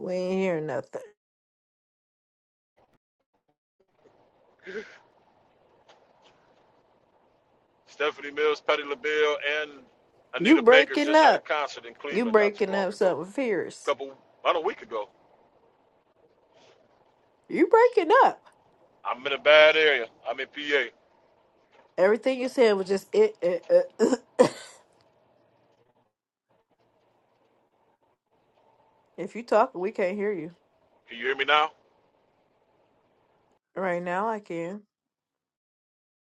Speaker 1: We ain't hear nothing.
Speaker 2: Stephanie Mills, Patti LaBelle, and
Speaker 1: You
Speaker 2: Anita Baker
Speaker 1: breaking
Speaker 2: just had a
Speaker 1: up.
Speaker 2: concert in
Speaker 1: You
Speaker 2: Cleveland not too
Speaker 1: breaking
Speaker 2: long
Speaker 1: up
Speaker 2: ago.
Speaker 1: something
Speaker 2: A
Speaker 1: fierce.
Speaker 2: couple, about a week ago.
Speaker 1: You breaking up.
Speaker 2: I'm in a bad area. I'm in PA.
Speaker 1: Everything you said was just it. it, uh *laughs* *coughs* if you talking, we can't hear you
Speaker 2: Can you hear me now?
Speaker 1: right now. I can.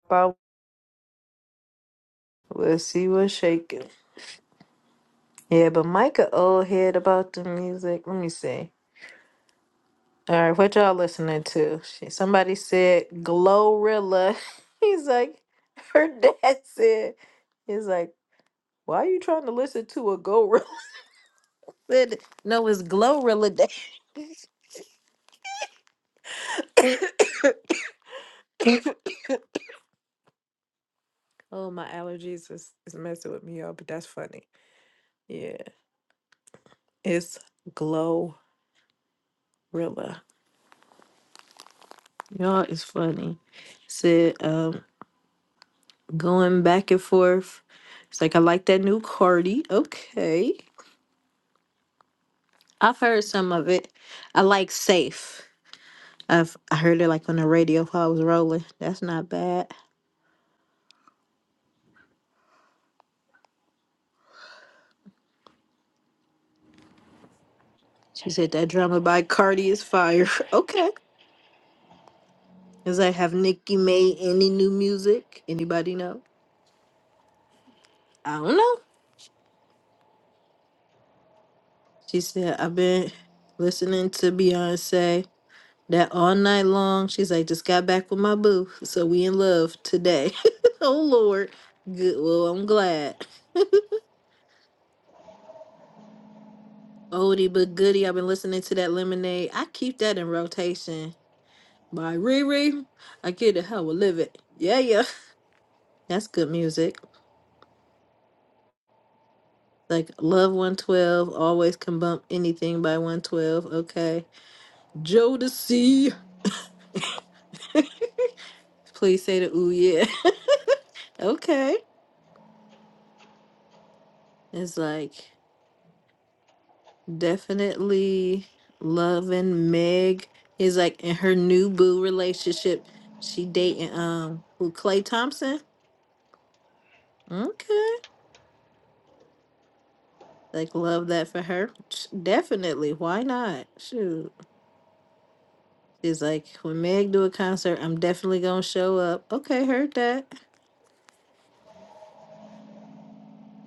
Speaker 1: But we'll see what's shaking. Yeah, but Micah old head about the music. Let me see. All right, what y'all listening to? She, somebody said Glorilla. *laughs* He's like, her dad said, he's like, why are you trying to listen to a gorilla? *laughs* Said, no, it's Glorilla Day. *coughs* oh, my allergies is, is messing with me, y'all, but that's funny. Yeah, it's Glorilla. Y'all is funny. Said, um, going back and forth. It's like, I like that new Cardi. Okay. I've heard some of it. I like Safe. I've I heard it like on the radio while I was rolling. That's not bad. She said that drama by Cardi is fire. *laughs* okay. Is that have Nicki made any new music? Anybody know? I don't know. She said I've been listening to Beyonce that all night long. She's like just got back with my boo, so we in love today. *laughs* oh Lord, good. Well, I'm glad. Oldie but goodie. I've been listening to that Lemonade. I keep that in rotation. by Riri. I get it how we live it. Yeah, yeah. That's good music. Like Love 112, always can bump anything by 112. Okay. Jodeci. *laughs* Please say the ooh yeah. *laughs* okay. It's like definitely loving Meg. Is like in her new boo relationship. She dating um who Clay Thompson. Okay. Like love that for her. Sh- Definitely. Why not? Shoot. She's like, when Meg do a concert, I'm definitely gonna show up. Okay, heard that.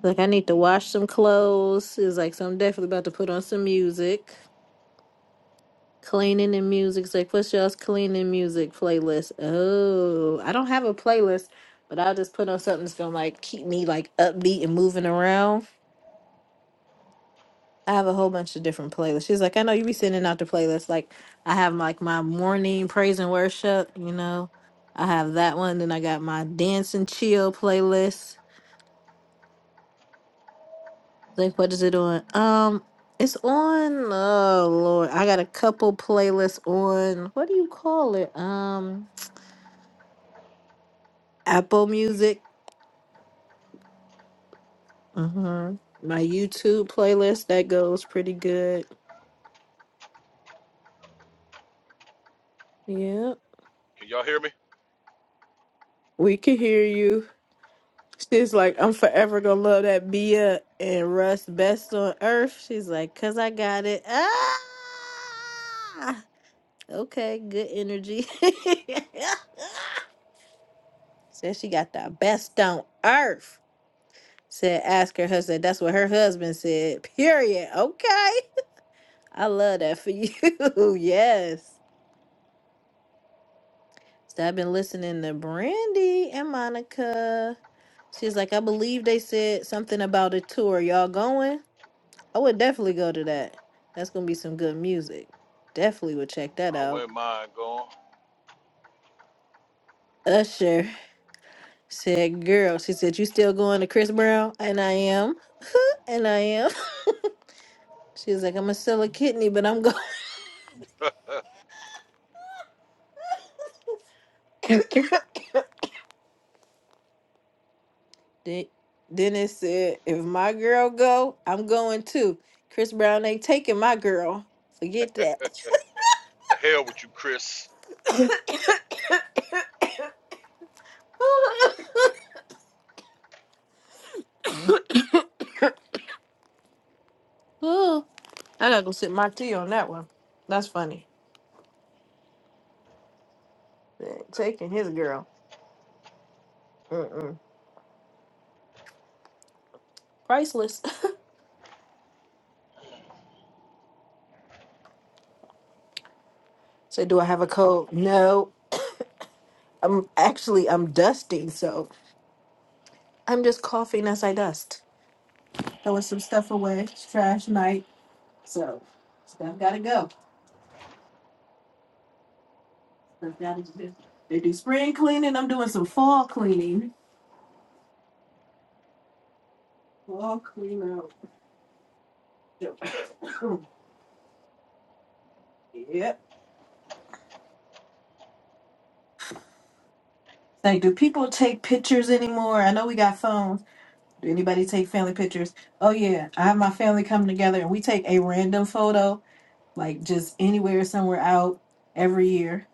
Speaker 1: Like I need to wash some clothes. It's like, so I'm definitely about to put on some music. Cleaning and music's like, what's y'all's cleaning music playlist? Oh, I don't have a playlist, but I'll just put on something that's gonna like keep me like upbeat and moving around. I have a whole bunch of different playlists. She's like, I know you be sending out the playlist. Like I have like my morning praise and worship, you know. I have that one. Then I got my dance and chill playlist. Like what is it on? Um, it's on. Oh Lord, I got a couple playlists on. What do you call it? Um, Apple Music. hmm My YouTube playlist that goes pretty good. Yeah,
Speaker 2: Can y'all hear me?
Speaker 1: we can hear you. She's like, I'm
Speaker 2: Okay.
Speaker 1: forever gonna love that Bia and Russ best on earth. She's like, cause I got it. Ah, okay, good energy. *laughs* Says she got the best on earth. Said, ask her husband. That's what her husband said. Period. Okay. I love that for you. *laughs* yes. So I've been listening to Brandy and Monica. She's like, I believe they said something about a tour. Y'all going? I would definitely go to that. That's gonna be some good music. Definitely would check that
Speaker 2: I
Speaker 1: out.
Speaker 2: wouldn't mind going.
Speaker 1: Usher said, Girl, she said, You still going to Chris Brown? And I am. And I am. *laughs* She was like, I'm a sell a kidney, but I'm
Speaker 2: Huh.
Speaker 1: going. *laughs* *coughs* Then Dennis said, if my girl go, I'm going too. Chris Brown ain't taking my girl. Forget that.
Speaker 2: The hell with you, Chris.
Speaker 1: *coughs* Ooh, I gotta go sip my tea on that one. That's funny. They ain't Taking his girl. Mm-mm. Priceless. *laughs* So do I have a cold? No. I'm actually I'm dusting, so I'm just coughing as I dust. Throwing some stuff away. It's trash night. So stuff gotta go. Does that exist? They do spring cleaning. I'm doing some fall cleaning. Fall clean out. *coughs* yep. Say, do people take pictures anymore? I know we got phones. Do anybody take family pictures? Oh yeah, I have my family come together and we take a random photo, like just anywhere, somewhere out every year.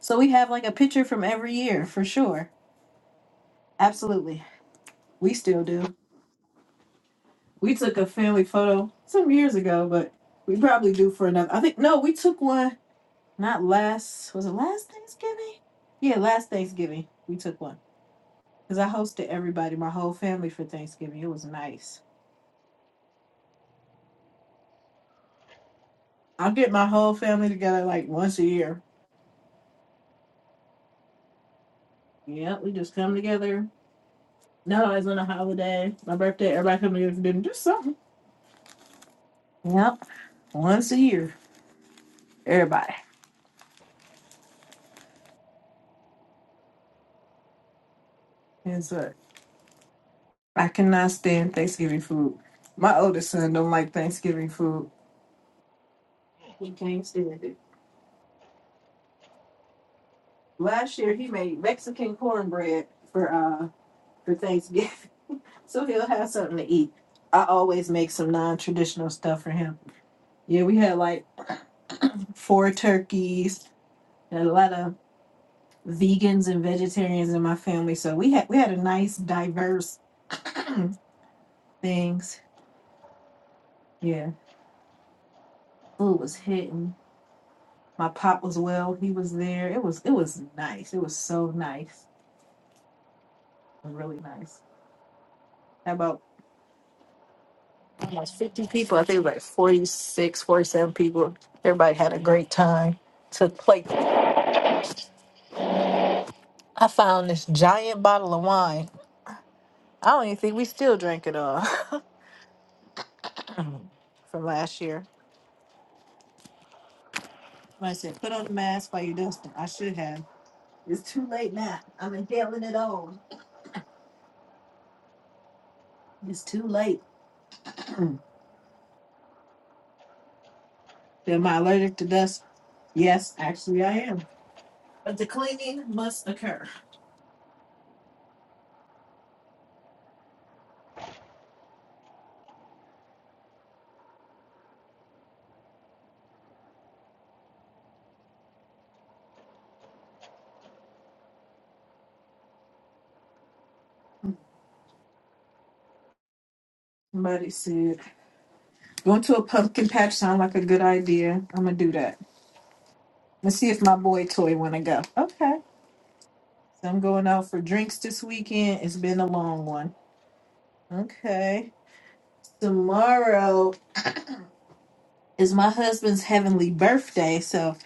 Speaker 1: So we have like a picture from every year for sure. Absolutely, we still do. We took a family photo some years ago, but we probably do for another. I think no, we took one Not last, was it last Thanksgiving? Yeah, last Thanksgiving we took one because I hosted everybody, my whole family for Thanksgiving. It was nice. I'll get my whole family together like once a year. Yeah, we just come together. Not always on a holiday, my birthday, everybody come together for dinner, just something. Yep, once a year, everybody. And so I cannot stand Thanksgiving food. My oldest son don't like Thanksgiving food. He can't stand it. Last year he made Mexican cornbread for uh for Thanksgiving. *laughs* So he'll have something to eat. I always make some non traditional stuff for him. Yeah, we had like *clears throat* four turkeys and a lot of vegans and vegetarians in my family. So we had we had a nice diverse *clears throat* things. Yeah. Food was hitting. My pop was well. He was there. It was it was nice. It was so nice. It was really nice. How about Almost 50 people. I think it was like 46, 47 people. Everybody had a great time. Took place. I found this giant bottle of wine. I don't even think we still drank it all *laughs* from last year. I said, put on the mask while you're dusting. I should have. It's too late now. I'm inhaling it all. It's too late. *clears throat* Am I allergic to dust? Yes, actually I am. But the cleaning must occur. Buddy said, going to a pumpkin patch sound like a good idea. I'm gonna do that. Let's see if my boy toy wanna go. Okay. So I'm going out for drinks this weekend. It's been a long one. Okay. Tomorrow is my husband's heavenly birthday, so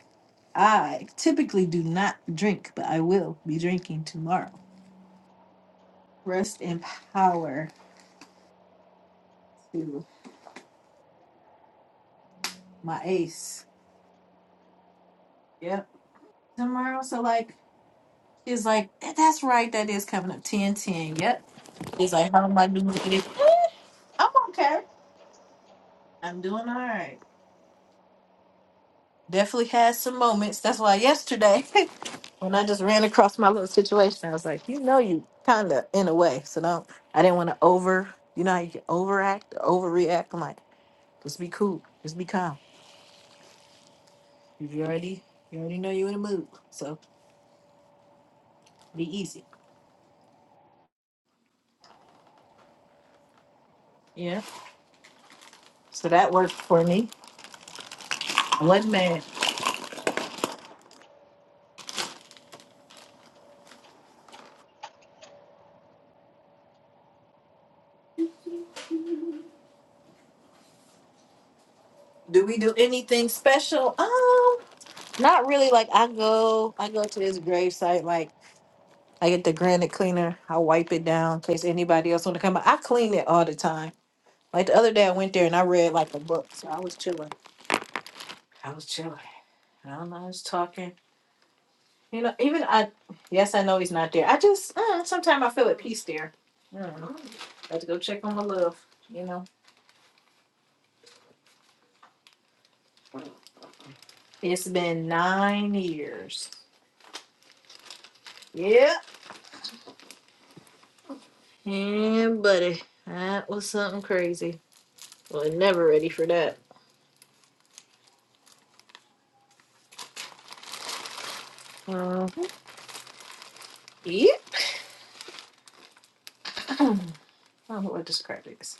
Speaker 1: I typically do not drink, but I will be drinking tomorrow. Rest and power to my ace. Yep. Tomorrow, so like, she's like, "That- that's right, that is coming up 10 10. Yep. She's like, how am I doing? *laughs* I'm okay. I'm doing all right. Definitely had some moments. That's why yesterday, *laughs* when I just ran across my little situation, I was like, you know, you kind of in a way. So don't. I didn't want to over. You know how you can overact, or overreact. I'm like, just be cool, just be calm. You already, you already know you're in a mood, so be easy. Yeah. So that worked for me. I wasn't mad. Do we do anything special? Um, not really. Like I go, I go to this grave site. Like. I get the granite cleaner. I wipe it down in case anybody else want to come. out. I clean it all the time. Like the other day, I went there and I read like a book, so I was chilling. I was chilling. I don't know. I was talking. You know, even I. Yes, I know he's not there. I just uh, sometimes I feel at peace there. I don't know. Got to go check on my love. You know, it's been nine years. Yeah. Yeah, buddy, that was something crazy. Well, never ready for that. Mhm. Yeah. *clears throat* I don't know what this crap is.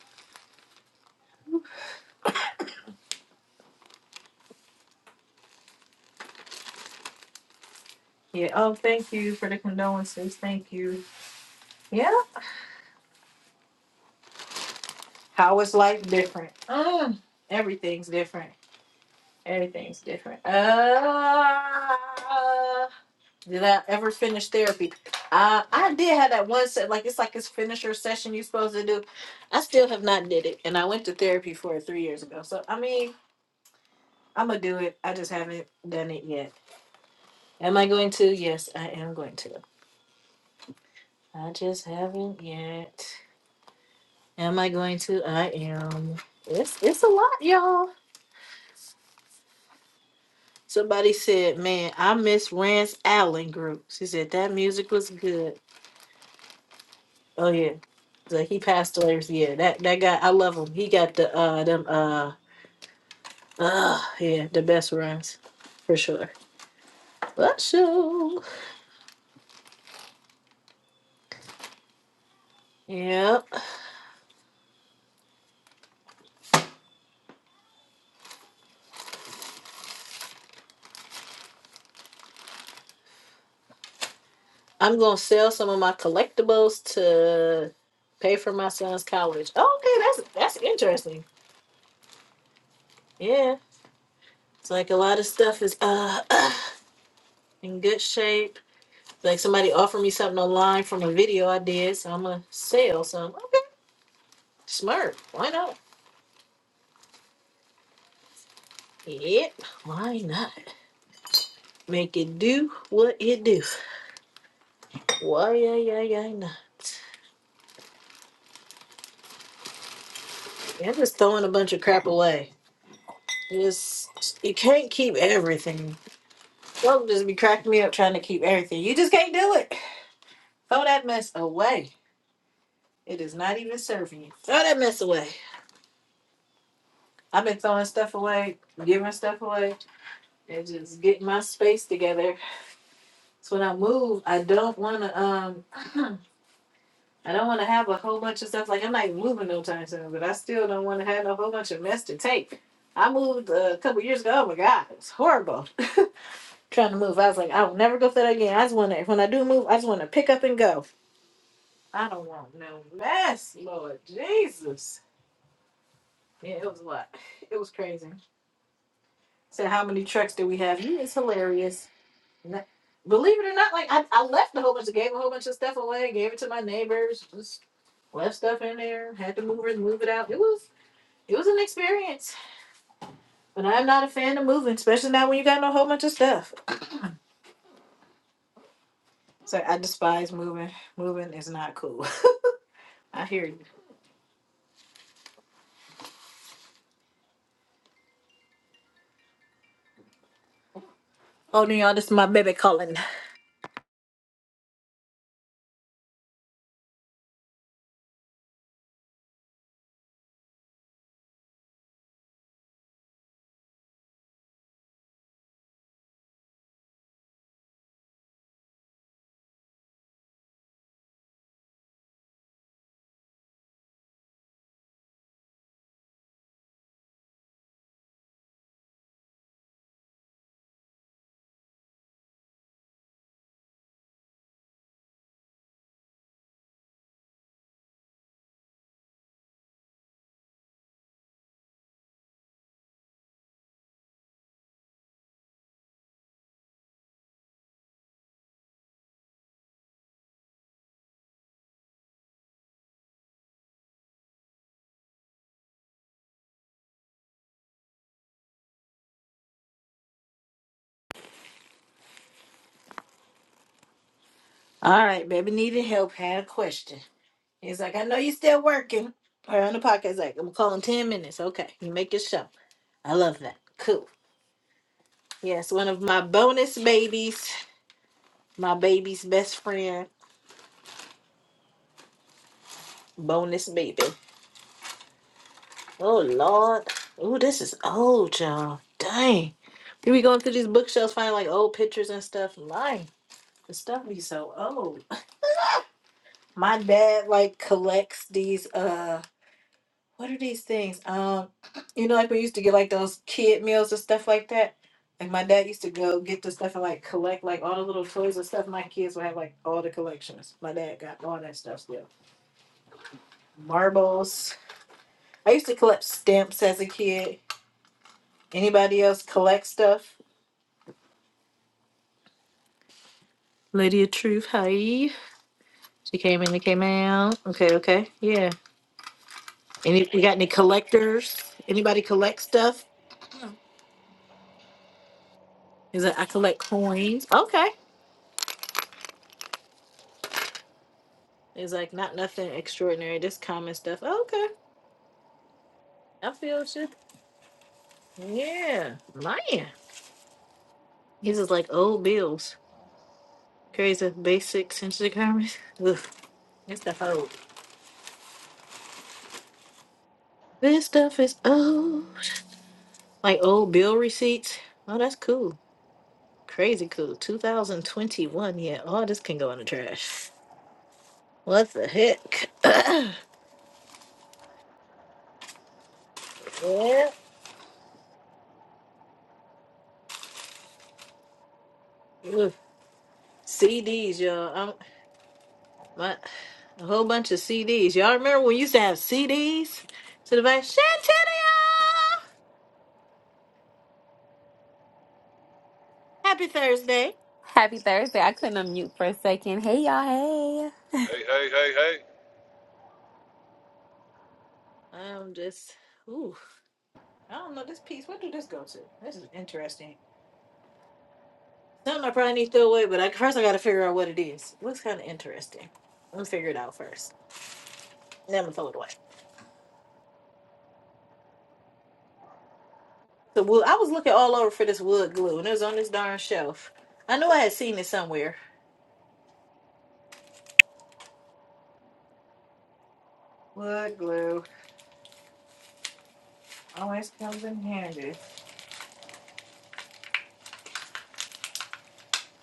Speaker 1: Yeah. Oh, thank you for the condolences. Thank you. Yeah. How is life different? Mm, everything's different. Everything's different. Uh, did I ever finish therapy? Uh, I did have that one set, like it's like this finisher session you're supposed to do. I still have not did it, and I went to therapy for it three years ago. So I mean, I'm gonna do it. I just haven't done it yet. Am I going to? Yes, I am going to. I just haven't yet. Am I going to? I am. It's it's a lot, y'all. Somebody said, "Man, I miss Rance Allen group." She said that music was good. Oh yeah, so he passed away. Yeah, that that guy, I love him. He got the uh them uh uh yeah the best runs for sure. But sure, Yeah, I'm gonna sell some of my collectibles to pay for my son's college. Okay, that's that's interesting. Yeah, it's like a lot of stuff is uh. *clears throat* in good shape. Like somebody offered me something online from a video I did, so I'm gonna sell some. Okay, smart. Why not? Yep. Why not? Make it do what it do. Why yeah yeah yeah not? Yeah, I'm just throwing a bunch of crap away. You Just you can't keep everything. Folk just be cracking me up trying to keep everything. You just can't do it. Throw that mess away. It is not even serving you. Throw that mess away. I've been throwing stuff away, giving stuff away, and just getting my space together So when I move, I don't want to. Um, *clears throat* I don't want to have a whole bunch of stuff. Like I'm not even moving no time soon, but I still don't want to have a whole bunch of mess to take. I moved uh, a couple years ago. Oh my god, it's horrible. *laughs* Trying to move, I was like, I'll never go through that again. I just want to. When I do move, I just want to pick up and go. I don't want no mess, Lord Jesus. Yeah, it was a lot. It was crazy. So how many trucks do we have? You is hilarious. N- Believe it or not, like I, I left a whole bunch of gave a whole bunch of stuff away, gave it to my neighbors, just left stuff in there, had to move it, move it out. It was it was an experience. But I'm not a fan of moving, especially not when you got no whole bunch of stuff. So I despise moving. Moving is not cool. *laughs* I hear you. Oh no, y'all, this is my baby calling. All right, baby needed help, had a question. He's like, I know you still working. Or on the podcast, like, I'm calling ten minutes. Okay. You make your show. I love that. Cool. Yes, one of my bonus babies, my baby's best friend, bonus baby. Oh Lord, oh this is old, y'all. Dang, we be going through these bookshelves, finding like old pictures and stuff. My the stuff be so old. My dad like collects these. Uh, what are these things? Um, you know, like we used to get like those kid meals and stuff like that. Like my dad used to go get the stuff and like collect like all the little toys and stuff. My kids would have like all the collections. My dad got all that stuff still. marbles. I used to collect stamps as a kid. Anybody else collect stuff? Lady of Truth, hi. She came in and came out. Okay, okay. Yeah. Any you got any collectors? Anybody collect stuff? Is like I collect coins. Okay. It's like not nothing extraordinary, just common stuff. Okay. I feel shit. Yeah. Man. These is like old bills. Crazy basic sensitive commerce. *laughs* Ugh. This stuff old. This stuff is old. Like old bill receipts. Oh, that's cool. Crazy cool. 2021. Yeah, all this can go in the trash. What the heck? *coughs* *clears throat* yeah. Ugh. CDs, y'all. I'm, my a whole bunch of CDs. Y'all remember when we used to have CDs to the back? Chantilly! Happy Thursday.
Speaker 5: Happy Thursday. I couldn't unmute for a second. Hey, y'all. Hey.
Speaker 2: Hey, hey, hey, hey.
Speaker 1: I'm just, ooh, I don't know this piece. What did this go to? This is interesting. Something I probably need to throw away, but I, first I got to figure out what it is. Looks kind of interesting. Let me figure it out first. Never throw it away. So wood, I was looking all over for this wood glue, and it was on this darn shelf. I knew I had seen it somewhere. Wood glue always comes in handy.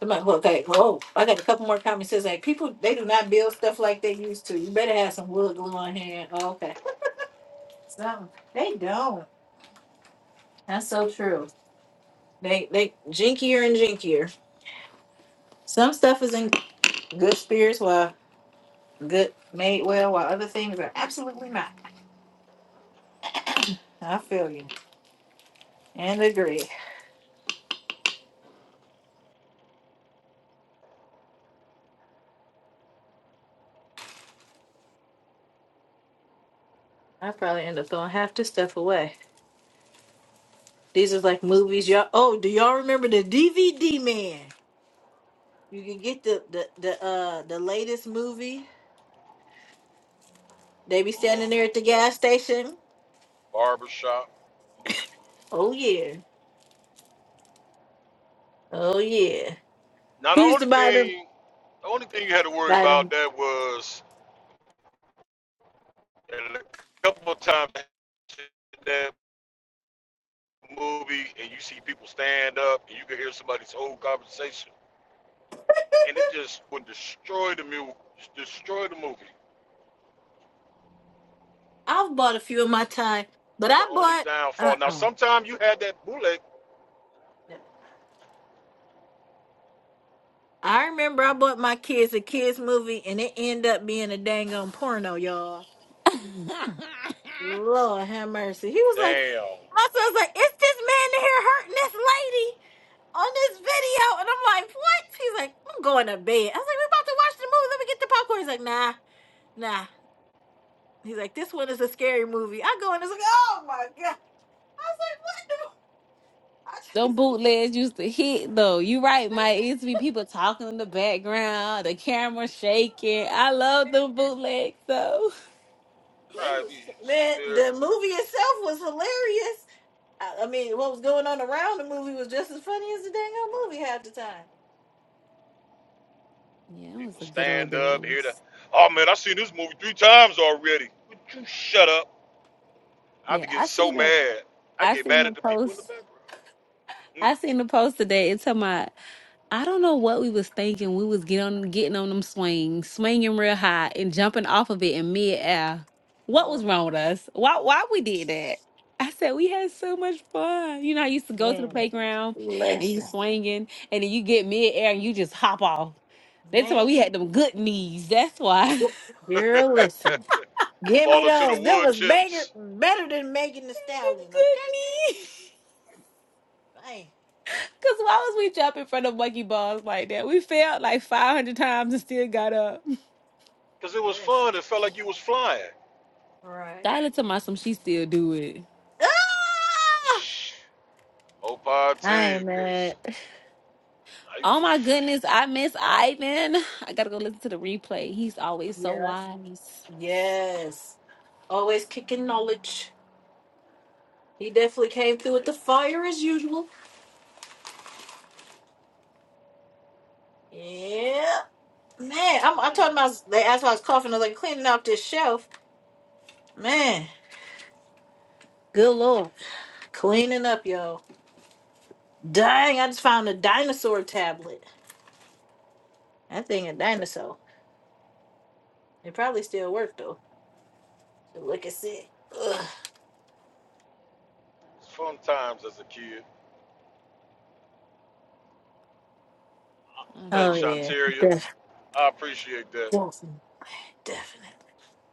Speaker 1: I'm like, well, okay, whoa, I got a couple more comments. Says like, people they do not build stuff like they used to. You better have some wood glue on hand. Oh, okay, Some they don't. That's so true. they they jinkier and jinkier. Some stuff is in good spirits, while good made well, while other things are absolutely not. I feel you and agree. I probably end up throwing half this stuff away. These are like movies, y'all. Oh, do y'all remember the DVD man? You can get the the the uh the latest movie. They be standing
Speaker 2: Mm-hmm.
Speaker 1: there at the gas station.
Speaker 2: Barbershop.
Speaker 1: Oh yeah, oh yeah.
Speaker 2: Now, the
Speaker 1: Who used to
Speaker 2: only
Speaker 1: buy them?
Speaker 2: thing, the only thing you had to worry
Speaker 1: Buy
Speaker 2: about
Speaker 1: them.
Speaker 2: that was a couple of times that movie and you see people stand up and you can hear somebody's whole conversation and it just would destroy the movie. Destroy the movie.
Speaker 1: I've bought a few in my time, but
Speaker 2: It's
Speaker 1: I
Speaker 2: the only
Speaker 1: bought uh
Speaker 2: downfall. Now,
Speaker 1: uh
Speaker 2: sometimes you had that bullet.
Speaker 1: I remember I bought my kids a kids movie, and it ended up being a dang on porno, y'all. Lord have mercy. He was like,
Speaker 2: Damn.
Speaker 1: my son's like, it's this man in here hurting this lady on this video. And I'm like, what? He's like, I'm going to bed. I was like, we're about to watch the movie. Let me get the popcorn. He's like, nah, nah. He's like, this one is a scary movie. I go in, it's like, oh my God. I was like, what the? *laughs* I was-
Speaker 5: Them
Speaker 1: He's like,
Speaker 5: bootlegs used to hit, though. You right,
Speaker 1: man.
Speaker 5: Mike. It used to be people talking in the background, the camera shaking. I
Speaker 1: Oh,
Speaker 5: love them
Speaker 1: man.
Speaker 5: bootlegs, though.
Speaker 1: They
Speaker 2: Right, we
Speaker 1: was,
Speaker 2: sitting
Speaker 1: man,
Speaker 2: there.
Speaker 1: the movie itself was hilarious. I, I mean, what was going on around the movie was just as funny as the dang old movie half the time.
Speaker 5: Yeah, it was
Speaker 2: People
Speaker 5: the good old
Speaker 2: stand up, hear the.
Speaker 5: days.
Speaker 2: Oh man, I seen this movie three times already. Would you shut up? I
Speaker 5: Yeah,
Speaker 2: be getting
Speaker 5: I
Speaker 2: so
Speaker 5: seen a,
Speaker 2: mad. I
Speaker 5: I
Speaker 2: get
Speaker 5: seen
Speaker 2: mad at
Speaker 5: the
Speaker 2: the people in
Speaker 5: post.
Speaker 2: the
Speaker 5: I seen the post today. It's talking about I don't know what we was thinking. We was getting on getting on them swings, swinging real high and jumping off of it in mid air. What
Speaker 1: Oh.
Speaker 5: was wrong with us? Why why we did that? I said we had so much fun. You know, I used to go to the
Speaker 1: Man,
Speaker 5: playground and you
Speaker 1: listen,
Speaker 5: swinging, and then you get mid air and you just hop off. That's why
Speaker 1: man,
Speaker 5: we had them good knees. That's why *laughs* them
Speaker 1: girl,
Speaker 2: background.
Speaker 1: listen.
Speaker 2: *laughs*
Speaker 1: Give me
Speaker 2: Falling to the
Speaker 1: those. Them
Speaker 2: wood
Speaker 1: was better,
Speaker 2: chips.
Speaker 1: better than Megan the Stallion.
Speaker 5: good
Speaker 1: Okay,
Speaker 5: knees.
Speaker 1: hey,
Speaker 5: Cause why was we jumping from the monkey bars like that? We fell like five hundred times and still got up.
Speaker 2: Cause it was
Speaker 1: listen.
Speaker 2: fun. It felt like you was flying.
Speaker 1: Right.
Speaker 5: Skylar to my some she still do it.
Speaker 1: Ah!
Speaker 2: Shh. Hope I
Speaker 1: I
Speaker 2: tell
Speaker 1: ain't
Speaker 2: you, cause
Speaker 1: mad.
Speaker 2: I used
Speaker 5: Oh
Speaker 2: to.
Speaker 5: my goodness, I miss Ivan. I gotta go listen to the replay. He's always so
Speaker 1: Yes.
Speaker 5: wise.
Speaker 1: Yes, always kicking knowledge. He definitely came through with the fire as usual. Yeah, man. I'm, I
Speaker 2: Mm,
Speaker 1: told him I was. They asked why I was coughing. I was like cleaning up this shelf. Man, good lord, cleaning up, y'all. Dang, I just found a dinosaur tablet. That thing a dinosaur. It probably still worked though. Should Look at it. Ugh.
Speaker 2: fun times as a kid.
Speaker 1: Oh
Speaker 5: Um,
Speaker 2: Thanks,
Speaker 1: yeah.
Speaker 2: Shanteria.
Speaker 1: Def-
Speaker 2: I appreciate that.
Speaker 1: Definitely. Definitely.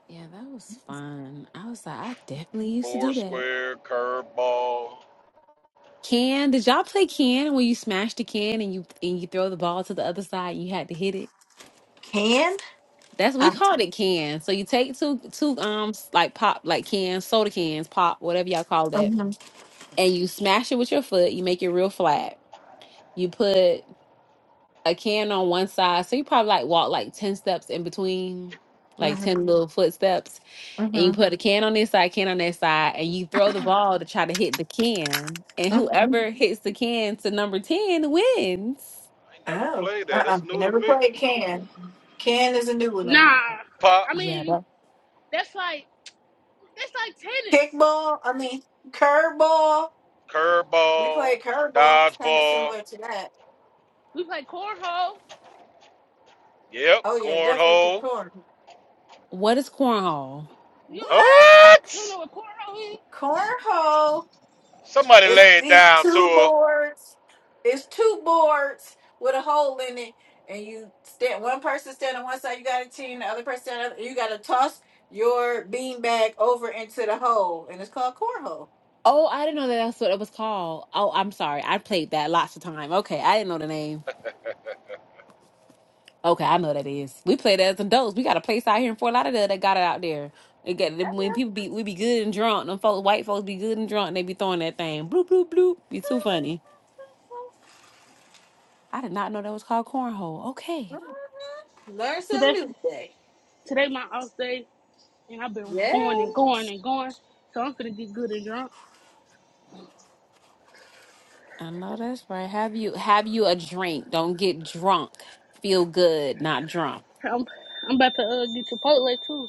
Speaker 5: yeah, that was fun. I was like, I definitely used to
Speaker 2: Four
Speaker 5: do that.
Speaker 2: square, curveball.
Speaker 5: Can did y'all play can when you smash the can and you and you throw the ball to the other side and you had to hit it?
Speaker 1: Can?
Speaker 5: That's we
Speaker 1: Uh,
Speaker 5: called it can. So you take two two um s- like pop like cans, soda cans, pop, whatever y'all call that,
Speaker 1: mm-hmm,
Speaker 5: and you smash it with your foot. You make it real flat. You put a can on one side. So you probably like walk like 10 steps in between, like
Speaker 1: mm-hmm,
Speaker 5: 10 little footsteps. And you
Speaker 1: mm-hmm.
Speaker 5: put a can on this side, can on that side, and you throw the ball to try to hit the can. And whoever hits the can to number 10 wins.
Speaker 2: I ain't never
Speaker 1: Oh.
Speaker 2: played that.
Speaker 1: Uh-uh.
Speaker 2: That's new to
Speaker 1: Never
Speaker 2: me.
Speaker 1: played can. Can is a new one
Speaker 4: Nah,
Speaker 1: on me.
Speaker 2: Pop,
Speaker 4: I
Speaker 5: Yeah.
Speaker 4: mean
Speaker 5: That-
Speaker 4: that's like that's like tennis.
Speaker 1: Kickball, I mean curveball. We
Speaker 2: curveball,
Speaker 1: played curveball. It's kind of
Speaker 2: dodgeball.
Speaker 1: similar to that.
Speaker 4: We play cornhole.
Speaker 2: Yep,
Speaker 1: Oh yeah, definitely
Speaker 2: cornhole.
Speaker 1: corn.
Speaker 5: what is cornhole?
Speaker 4: You
Speaker 1: What?
Speaker 4: don't you don't know
Speaker 2: What?
Speaker 4: what cornhole is?
Speaker 1: Cornhole.
Speaker 2: Somebody
Speaker 1: It's
Speaker 2: lay it
Speaker 1: these
Speaker 2: down to
Speaker 1: two boards. It's two boards with a hole in it, and you stand. One person stand on one side, you got a team. The other person stand on the other. You got to toss your bean bag over into the hole, and it's called cornhole.
Speaker 5: Oh, I didn't know that that's what it was called. Oh, I'm sorry. I played that lots of time. Okay. I didn't know the name. Okay, I know what that is. We play that as adults. We got a place out here in Fort Lauderdale that got it out there. It got
Speaker 1: *laughs*
Speaker 5: when people be we be good and drunk. Them folks, white folks, be good and drunk. And they be throwing that thing. Bloop bloop bloop. Be too funny. I did not know that was called cornhole.
Speaker 1: Yeah.
Speaker 5: Okay,
Speaker 1: Learn something
Speaker 4: Today
Speaker 1: new today.
Speaker 4: today my off day, and I've been going and going
Speaker 1: Yes.
Speaker 4: and going. So I'm gonna get good and drunk.
Speaker 5: I know that's right. Have you have you a drink? Don't get drunk. Feel good, not drunk.
Speaker 4: I'm I'm about to uh, get Chipotle too.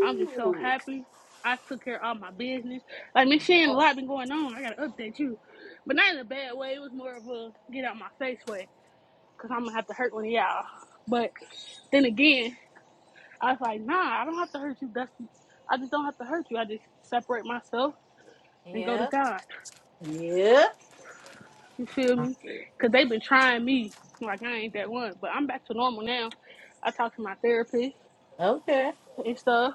Speaker 4: I'm just so happy. I took care of all my business. Like Miss Shan, a lot been going on. I gotta update you, but not in a bad way. It was more of a get out my face way, cause I'm gonna have to hurt one of y'all. But then again, I was like, nah, I don't have to hurt you, Dusty. I just don't have to hurt you. I just separate myself and go to
Speaker 1: Yeah.
Speaker 4: God.
Speaker 1: Yeah.
Speaker 4: You feel me? Because they've been trying me. Like, I ain't that one. But I'm back to normal now. I talk to my therapist
Speaker 1: Okay.
Speaker 4: and stuff.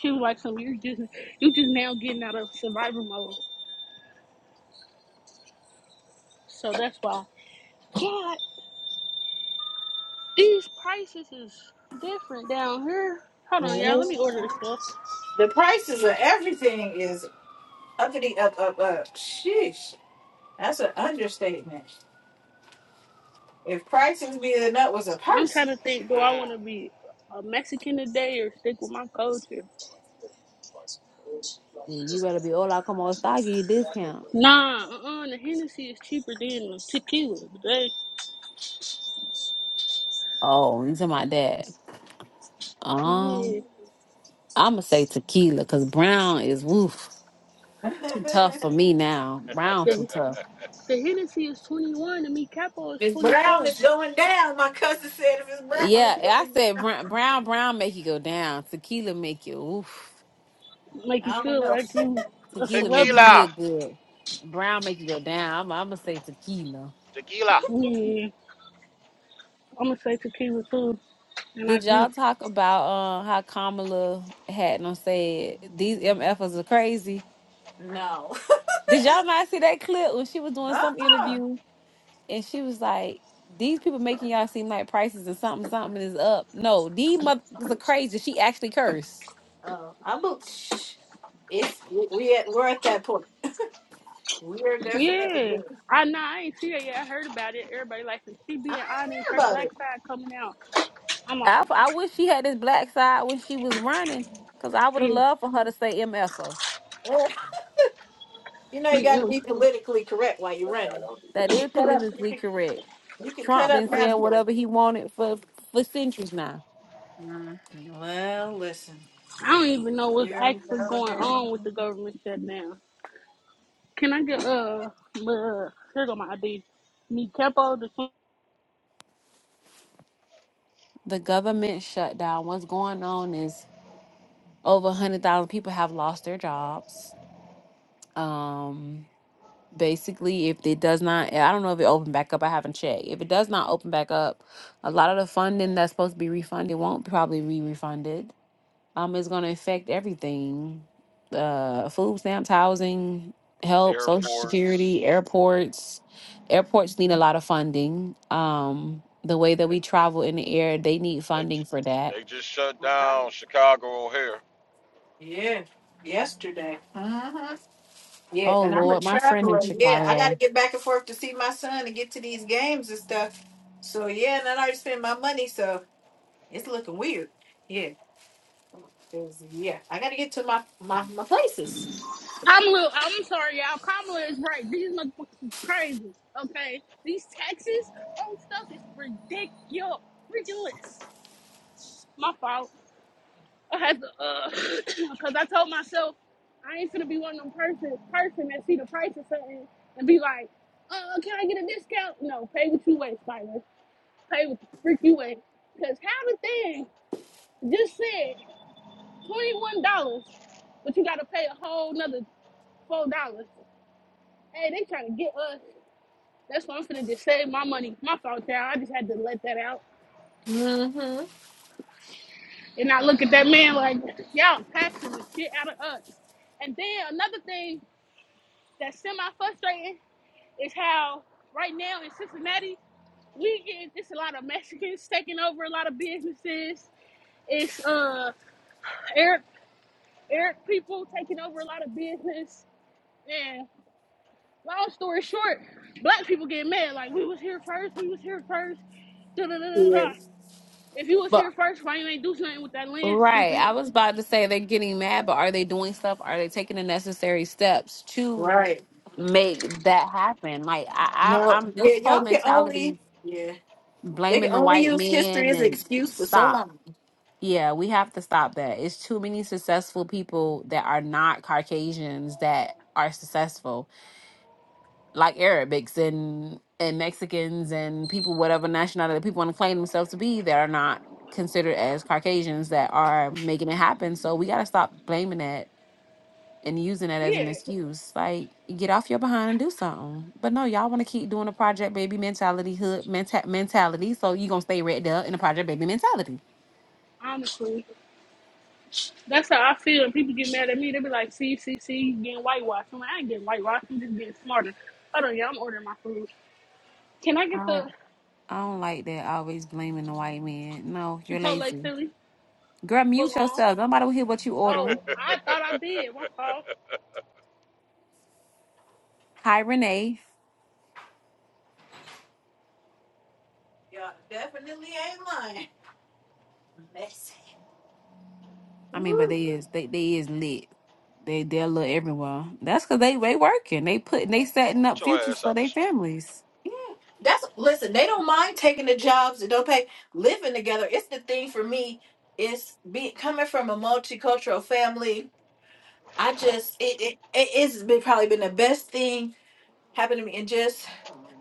Speaker 4: She was like, some you just, you just now getting out of survival mode. So that's why. God, these prices is different down here. Hold
Speaker 1: Yeah.
Speaker 4: on, y'all. Let me order this stuff.
Speaker 1: The prices of everything is uppity up up up. Sheesh. That's an understatement. If Christ was being up was a
Speaker 4: I'm trying
Speaker 1: person.
Speaker 4: to think,
Speaker 2: her.
Speaker 4: do I
Speaker 2: Mm.
Speaker 4: want to be a Mexican today or stick with my culture?
Speaker 5: Ooh, You better be hola como esta. I give you discount.
Speaker 4: Nah, uh-uh. The Hennessy They tequila. They,
Speaker 5: Oh, you talking about that?
Speaker 4: yeah.
Speaker 5: Um, I'm gonna say tequila because brown is woof
Speaker 1: *laughs*
Speaker 5: too tough for me now. Brown too
Speaker 4: The,
Speaker 5: tough.
Speaker 4: the Hennessy is 21 and me Capo is
Speaker 1: Miss Brown
Speaker 4: 24.
Speaker 1: is going down. My cousin said if Miss Brown is
Speaker 5: Yeah, I
Speaker 1: going
Speaker 5: said
Speaker 1: down.
Speaker 5: brown, brown, brown make you go down. Tequila make you oof.
Speaker 4: Make you
Speaker 1: I don't
Speaker 4: feel
Speaker 1: know.
Speaker 4: like
Speaker 1: *laughs*
Speaker 4: you a
Speaker 5: Tequila make you
Speaker 4: celebrity.
Speaker 2: Tequila,
Speaker 5: feel good. Brown make you go down. I'm, I'm gonna say tequila.
Speaker 2: tequila.
Speaker 4: Yeah. I'm gonna say tequila too. And I
Speaker 5: Did y'all
Speaker 4: just,
Speaker 5: talk about uh, how Kamala Hatton said these MFers are crazy?
Speaker 1: No. *laughs*
Speaker 5: Did y'all not see that clip when she was doing some
Speaker 1: Uh-uh.
Speaker 5: interview? and she was like, "These people making y'all seem like prices and something something is up. No, these motherfuckers are crazy. She actually cursed.
Speaker 1: Oh, I'm a, it's we we at we're at that point. We're definitely
Speaker 4: yeah.
Speaker 1: there.
Speaker 4: I know, I ain't see it yet. I heard about it. Everybody like, if she
Speaker 1: I ain't
Speaker 4: being honest,
Speaker 1: hear
Speaker 4: her
Speaker 1: about
Speaker 4: black
Speaker 1: it. *laughs*
Speaker 4: side coming out. I'm like,
Speaker 5: I I wish she had this black side when she was running, cause I would have
Speaker 4: yeah.
Speaker 5: loved for her to say MFA.
Speaker 1: Uh, you know you got to
Speaker 4: mm-mm.
Speaker 1: be politically correct while you're running.
Speaker 5: That
Speaker 1: You can
Speaker 5: is
Speaker 1: cut up. You
Speaker 5: politically
Speaker 1: can,
Speaker 5: correct.
Speaker 1: you can cut
Speaker 5: Trump
Speaker 1: up
Speaker 5: been saying
Speaker 1: after.
Speaker 5: whatever he wanted for for centuries now.
Speaker 1: Mm, well, listen.
Speaker 4: I don't even know what's
Speaker 1: Here we
Speaker 4: actually
Speaker 1: go
Speaker 4: going
Speaker 1: again.
Speaker 4: on with the government shutdown. Can I get, uh, uh here go my ID. Me Capo, the
Speaker 5: The government shutdown. What's going on is over one hundred thousand people have lost their jobs. Um, basically if it does not i don't know if it opened back up i haven't checked if it does not open back up a lot of the funding that's supposed to be refunded won't probably be refunded um it's going to affect everything uh food stamps housing help social
Speaker 2: Airports.
Speaker 5: security airports airports need a lot of funding um the way that
Speaker 2: They,
Speaker 5: we travel in the air they need
Speaker 2: they,
Speaker 5: funding for that
Speaker 2: they just shut
Speaker 1: Alright.
Speaker 2: down Chicago O'Hare.
Speaker 1: Yeah, yesterday. hmm Yeah,
Speaker 5: oh
Speaker 1: and I'm a
Speaker 5: lord my friend in
Speaker 1: traveler. Yeah, I got to
Speaker 5: chicago
Speaker 1: get back and forth to see my son and get to these games and stuff. So yeah, and I already spent my money, so it's looking weird. Yeah, 'Cause, yeah, I got to get to my my my places.
Speaker 4: I'm Lil, I'm sorry, y'all. Kamala is right. These motherfuckers is crazy. Okay, these taxes on stuff is ridiculous. Ridiculous. My fault. I had to, uh, *clears throat* cause I told myself I ain't gonna be one of them person person that see the price of something and be like, uh, can I get a discount? No, pay what you weigh, Spider. Pay what the freak you weigh. Cause how the thing just said twenty one dollars, but you gotta pay a whole nother four dollars. Hey, they trying to get us. That's why I'm finna just save my money. My fault, child. I just had to let that out.
Speaker 1: hmm
Speaker 4: And I look at that man like, y'all taxing the shit out of us. And then another thing that's semi-frustrating is how right now in Cincinnati, we get it's a lot of Mexicans taking over a lot of businesses. It's uh Arab Arab people taking over a lot of business. And long story short, black people get mad like we was here first, we was here first. Da da da da da.
Speaker 1: Yes.
Speaker 4: If you was here first, why you ain't do something with that land,
Speaker 5: Right.
Speaker 4: stupid?
Speaker 5: I was about to say they're getting mad, but are they doing stuff? Are they taking the necessary steps to
Speaker 1: Right.
Speaker 5: make that happen? Like I, I
Speaker 1: No.
Speaker 5: I'm
Speaker 1: Yeah,
Speaker 5: this whole
Speaker 1: y'all can
Speaker 5: mentality
Speaker 1: only. Yeah, they can
Speaker 5: blaming the
Speaker 1: only
Speaker 5: white
Speaker 1: use history
Speaker 5: man
Speaker 1: as an
Speaker 5: and
Speaker 1: excuse for so
Speaker 5: stop.
Speaker 1: long.
Speaker 5: Yeah, we have to stop that. It's too many successful people that are not Caucasians that are successful like Arabics and and Mexicans and people whatever nationality people want to claim themselves to be that are not considered as Caucasians that are making it happen. So we gotta stop blaming that and using that as an
Speaker 4: Yeah,
Speaker 5: excuse. Like get off your behind and do something. But no, y'all want to keep doing the project baby mentality hood menta- mentality. So you gonna stay right there in the project baby mentality.
Speaker 4: honestly. That's how I feel. And people get mad at me. They be like, see, see, see, you getting whitewashed. I'm like, I ain't getting whitewashed. I'm just getting smarter. Hold on, y'all. I'm ordering my food. Can I
Speaker 5: I
Speaker 4: get the
Speaker 5: don't I don't like that always blaming the white man. No, you're
Speaker 4: Chipotle
Speaker 5: lazy.
Speaker 4: Philly
Speaker 5: Girl,
Speaker 4: foot
Speaker 5: mute
Speaker 4: long?
Speaker 5: yourself. Nobody will hear what you ordering.
Speaker 4: Oh, I thought I did. My fault.
Speaker 5: Hi Renee.
Speaker 1: Y'all definitely ain't lying. Messy.
Speaker 5: I mean, but
Speaker 1: Woo.
Speaker 5: they is they they is lit. They they're lit everywhere. That's cause they they working. They putting they setting
Speaker 2: Get
Speaker 5: up
Speaker 2: your
Speaker 5: futures
Speaker 2: ass
Speaker 5: for
Speaker 2: out the
Speaker 5: their
Speaker 2: street.
Speaker 5: families.
Speaker 1: That's listen, they don't mind taking the jobs that don't pay, living together. It's the thing for me. It's be coming from a multicultural family. I just it it it- it's been probably been the best thing happened to me and just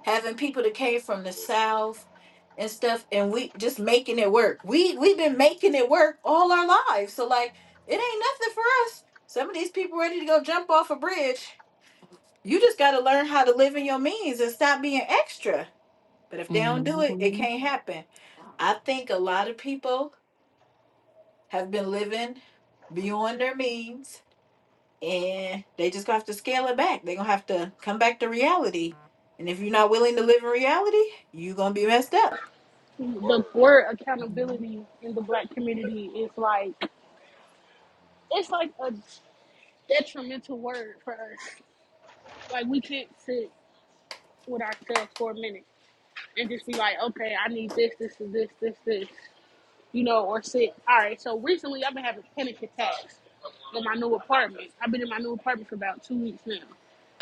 Speaker 1: having people that came from the
Speaker 2: Good
Speaker 1: south and stuff and we just making it work. We we've been making it work all our lives. So like it ain't nothing for us. Some of these people ready to go jump off a bridge. You just gotta learn how to live in your means and stop being extra but if they don't do it, it
Speaker 5: hmm
Speaker 1: can't happen. I think a lot of people have been living beyond their means and they just gonna have to scale it back. They're gonna have to come back to reality. And if you're not willing to live in reality, you're gonna be messed up.
Speaker 4: The
Speaker 2: word.
Speaker 4: word accountability in the black community is like, it's like a detrimental word for us. Like, we can't sit with ourselves for a minute. and just be like, okay, I need this, this, and this, this, this, you know, or sit. All right. So recently, I've been having panic attacks in my new apartment. I've been in my new apartment for about two weeks now,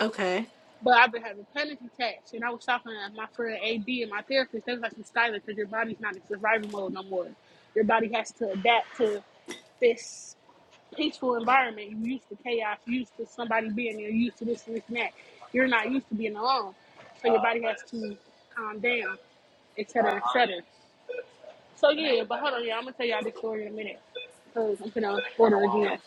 Speaker 1: Okay.
Speaker 4: but I've been having panic attacks. And I was talking to my friend AB and my therapist. They was like, "Skylar, because your body's not in survival mode no more. Your body has to adapt to this." Peaceful environment. You are used to chaos. You used to somebody being there. You used to this and this and that. You're not used to being alone, so your body has to calm down, et cetera, et cetera. So yeah, but hold on, yeah, I'm gonna tell y'all this story in a minute because I'm gonna order again.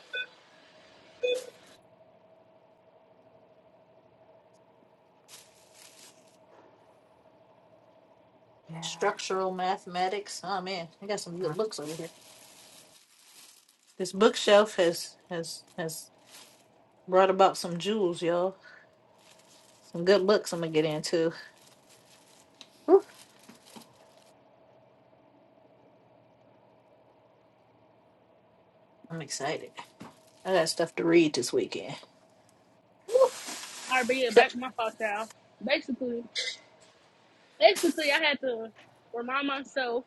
Speaker 5: Yeah.
Speaker 1: Structural mathematics. Oh man, I got some good books over here. This bookshelf has has has brought about some jewels, y'all. Some good books I'm gonna get into. Whew, I'm excited. I got stuff to read this weekend.
Speaker 4: All right, but yeah,
Speaker 1: So-
Speaker 4: back to my fault, child. Basically, basically, I had to remind myself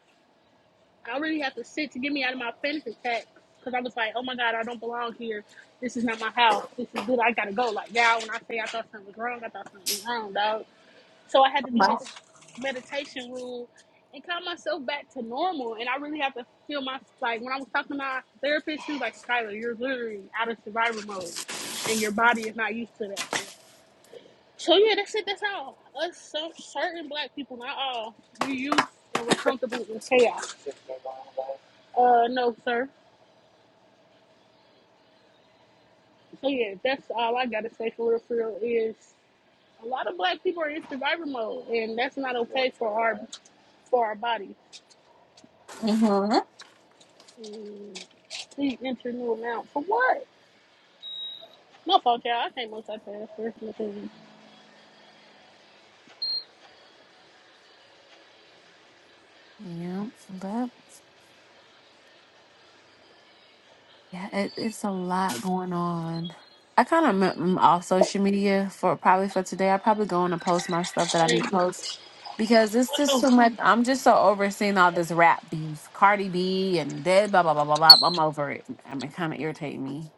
Speaker 4: I really have to sit to get me out of my panic attack because I was like, oh my god, I don't belong here. This is not my house. This is good. I gotta go. Like now, when I say I thought something was wrong, I thought something was wrong, dog. So I had to do this
Speaker 1: Wow.
Speaker 4: meditation rule and calm myself back to normal. And I really have to feel my like when I was talking to my therapist, she was like, Skylar, you're literally out of survival mode and your body is not used to that. So yeah, that's it, that's all. Us some certain black people, not all, we used and we're comfortable in chaos. Uh no, sir. So yeah, that's all I gotta say for real for real is a lot of black people are in survivor mode and that's not okay for our for our bodies. Please enter new amount. For what? No fault, y'all. I can't multitask. That's my thing.
Speaker 5: Yeah. But Yeah, it, it's a lot going on. I kind of am off social media for probably for today. I probably go on and post my stuff that I need to
Speaker 4: Thank you.
Speaker 5: post because it's just
Speaker 4: Oh,
Speaker 5: too much. I'm just so overseeing all this rap beef, Cardi B and dead blah blah blah blah blah. I'm over it. I mean, kind of irritating me.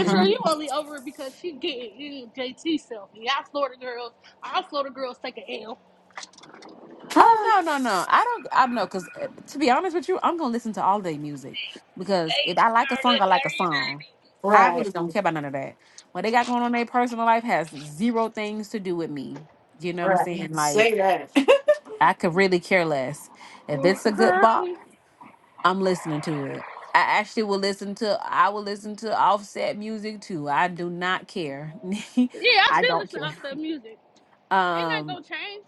Speaker 5: It's
Speaker 4: you only over it because she getting you JT self. Y'all Florida girls, our Florida girls take an L.
Speaker 5: Oh
Speaker 1: Huh.
Speaker 5: no,
Speaker 1: *laughs*
Speaker 5: no, no. I don't I know cuz to be honest with you, I'm going to listen to all day music because
Speaker 4: They
Speaker 5: if I like a
Speaker 4: are
Speaker 5: song, I
Speaker 4: this
Speaker 5: like a song. I
Speaker 1: Right.
Speaker 5: really don't care about none of that. What they got going on in their personal life has zero things to do with me. You know what I'm
Speaker 1: Right.
Speaker 5: saying? Yeah. Like
Speaker 1: Say that. *laughs*
Speaker 5: I could really care less.
Speaker 4: dirty, baby.
Speaker 5: If it's a
Speaker 4: You
Speaker 5: good
Speaker 4: heard
Speaker 5: bop,
Speaker 4: me?
Speaker 5: I'm listening to it. I actually will listen to I will listen to offset music too. I do not care.
Speaker 4: Yeah, I
Speaker 5: *laughs* I
Speaker 4: still
Speaker 5: don't
Speaker 4: listen to
Speaker 5: care.
Speaker 4: outside music. Ain't that
Speaker 5: Um
Speaker 4: gonna change?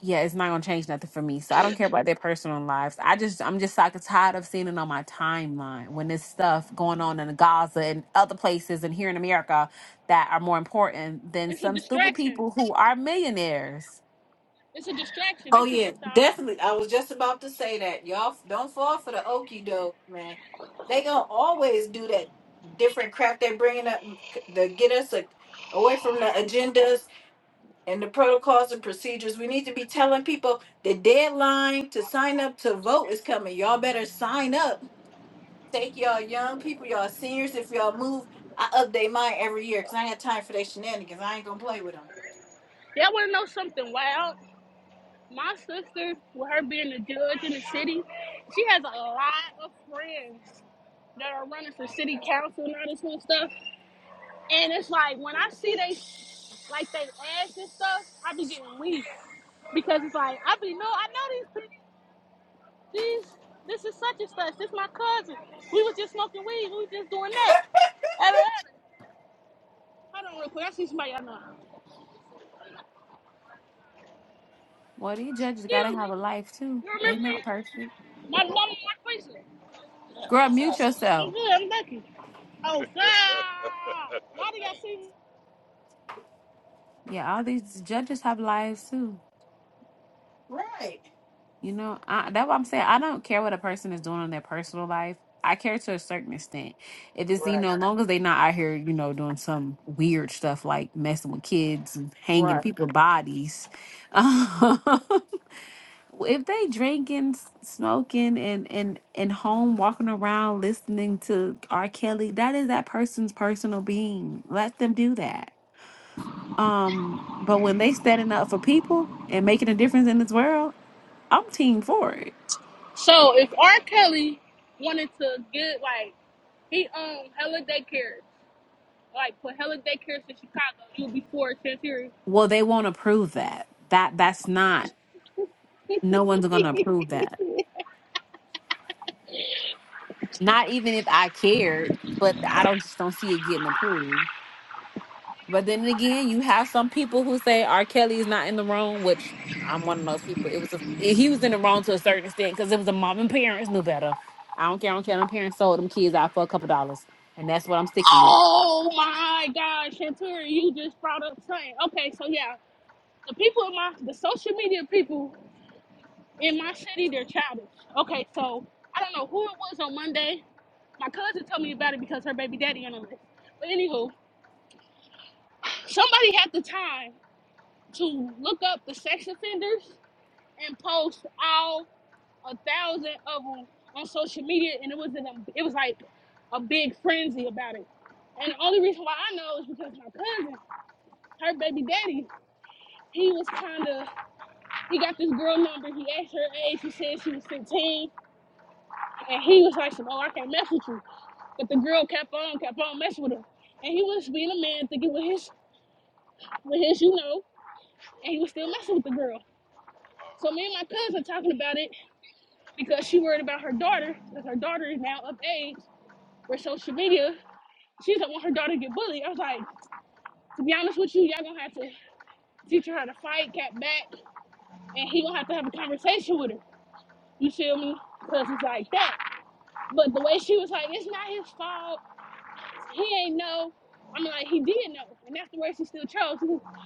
Speaker 5: yeah, it's not gonna change nothing for me. So I don't care about their personal lives. I just I'm just like tired of seeing it on my timeline when there's stuff going on in Gaza and other places and here in America that are more important than
Speaker 4: It's a
Speaker 5: some stupid
Speaker 4: distraction.
Speaker 5: people who are millionaires.
Speaker 4: It's a distraction.
Speaker 1: oh
Speaker 4: That's it.
Speaker 1: yeah,
Speaker 4: That's all.
Speaker 1: definitely. I was just about to say that. Y'all f- don't fall for the okie doke, man. They gonna always do that different crap they are bringing up to get us a, away from the agendas and the protocols and procedures. We need to be telling people the deadline to sign up to vote is coming. Y'all better sign up. Take y'all young people, y'all seniors. If y'all move, I update mine every year because I ain't got time for their shenanigans. I ain't gonna play with them.
Speaker 4: Y'all wanna know something wild? My sister, with her being a judge in the
Speaker 2: Shit.
Speaker 4: city, she has a lot of friends that are running for city council and all this kind of stuff.
Speaker 2: Ah,
Speaker 4: And
Speaker 2: this
Speaker 4: it's
Speaker 2: is
Speaker 4: like when I see
Speaker 2: bullshit.
Speaker 4: they like they ass and stuff, I be getting weak because it's like I be no, I know these these this is such and such. This my cousin. We was just smoking weed. We was just doing that. And, and, hold on real quick. I see somebody I know.
Speaker 5: Well, these judges gotta
Speaker 4: Excuse
Speaker 5: have
Speaker 4: me.
Speaker 5: a life too.
Speaker 4: You
Speaker 5: They
Speaker 4: remember
Speaker 5: not perfect.
Speaker 4: me? My mama, my question. Yeah,
Speaker 5: Girl,
Speaker 4: what's
Speaker 5: mute
Speaker 4: up? I'm
Speaker 5: yourself.
Speaker 4: good. I'm lucky. Oh God! Why do y'all see me?
Speaker 5: Yeah, all these judges have lives too.
Speaker 1: Right.
Speaker 5: You know, I, that's what I'm saying. I don't care what a person is doing in their personal life. I care to a certain extent. If it's, you know,
Speaker 1: Right.
Speaker 5: as long as they not out here, you know, doing some weird stuff like messing with kids and hanging
Speaker 1: Right.
Speaker 5: people's bodies. *laughs* if they drinking, s- smoking, and and and home walking around listening to R. Kelly, that is that person's personal being. Let them do that. Um, but when they standing up for people and making a difference in this world, I'm team for it.
Speaker 4: So if R. Kelly wanted to get like he owned hella daycare. Like Pahela daycares in Chicago. You will be before Shanturi.
Speaker 5: Well, they won't approve that. That that's not. No one's gonna approve that. Not even if I cared, but I don't just don't see it getting approved. But then again, you have some people who say R. Kelly is not in the wrong, which I'm one of those people. It was a, he was in the wrong to a certain extent because it was a mom and parents knew better. I don't care. I don't care. Them parents sold them kids out for a couple dollars, and that's what I'm sticking with.
Speaker 4: Oh my God, Shanturi, you just brought up something. Okay, so yeah, the people in my the social media people in my city, they're childish. Okay, so I don't know who it was on Monday. My cousin told me about it because her baby daddy on the list. But anywho, somebody had the time to look up the sex offenders and post all a thousand of them on social media, and it was in a, it was like a big frenzy about it. And the only reason why I know is because my cousin, her baby daddy, he was kind of he got this girl number. He asked her age. She said she was 15, and he was like, "Oh, I can't mess with you." But the girl kept on, kept on messing with him, and he was being a man, thinking with his with his, you know, and he was still
Speaker 2: truck, 30
Speaker 4: messing with the girl. So me and
Speaker 2: miles.
Speaker 4: my cousin talking about it because she worried about her daughter, because her daughter is now of age where social media. She do not want her daughter to get bullied. I was like, to be honest with you, y'all gonna have to teach her how to fight, get back, and he gonna have to have a conversation with her. You feel me? Cause it's like that. But the way she was like, it's not his fault. He ain't know. I'm like, he did know, and that's the way she still chose. But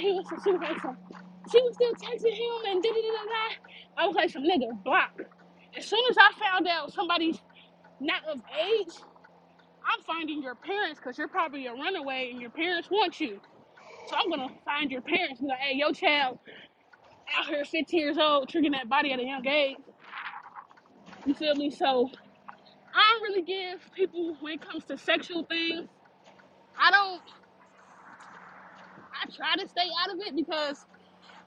Speaker 4: he was, she was like, some, she was still texting him and da da da da. I was like, some nigga block. As soon as I found out somebody's not of age, I'm finding your parents because you're probably a runaway and your parents want you. So I'm gonna find your parents and be like, hey, your child out here 15 years old, tricking that body at a young age. You feel me? So I don't really give people when it comes to sexual things. I don't I try to stay out of it because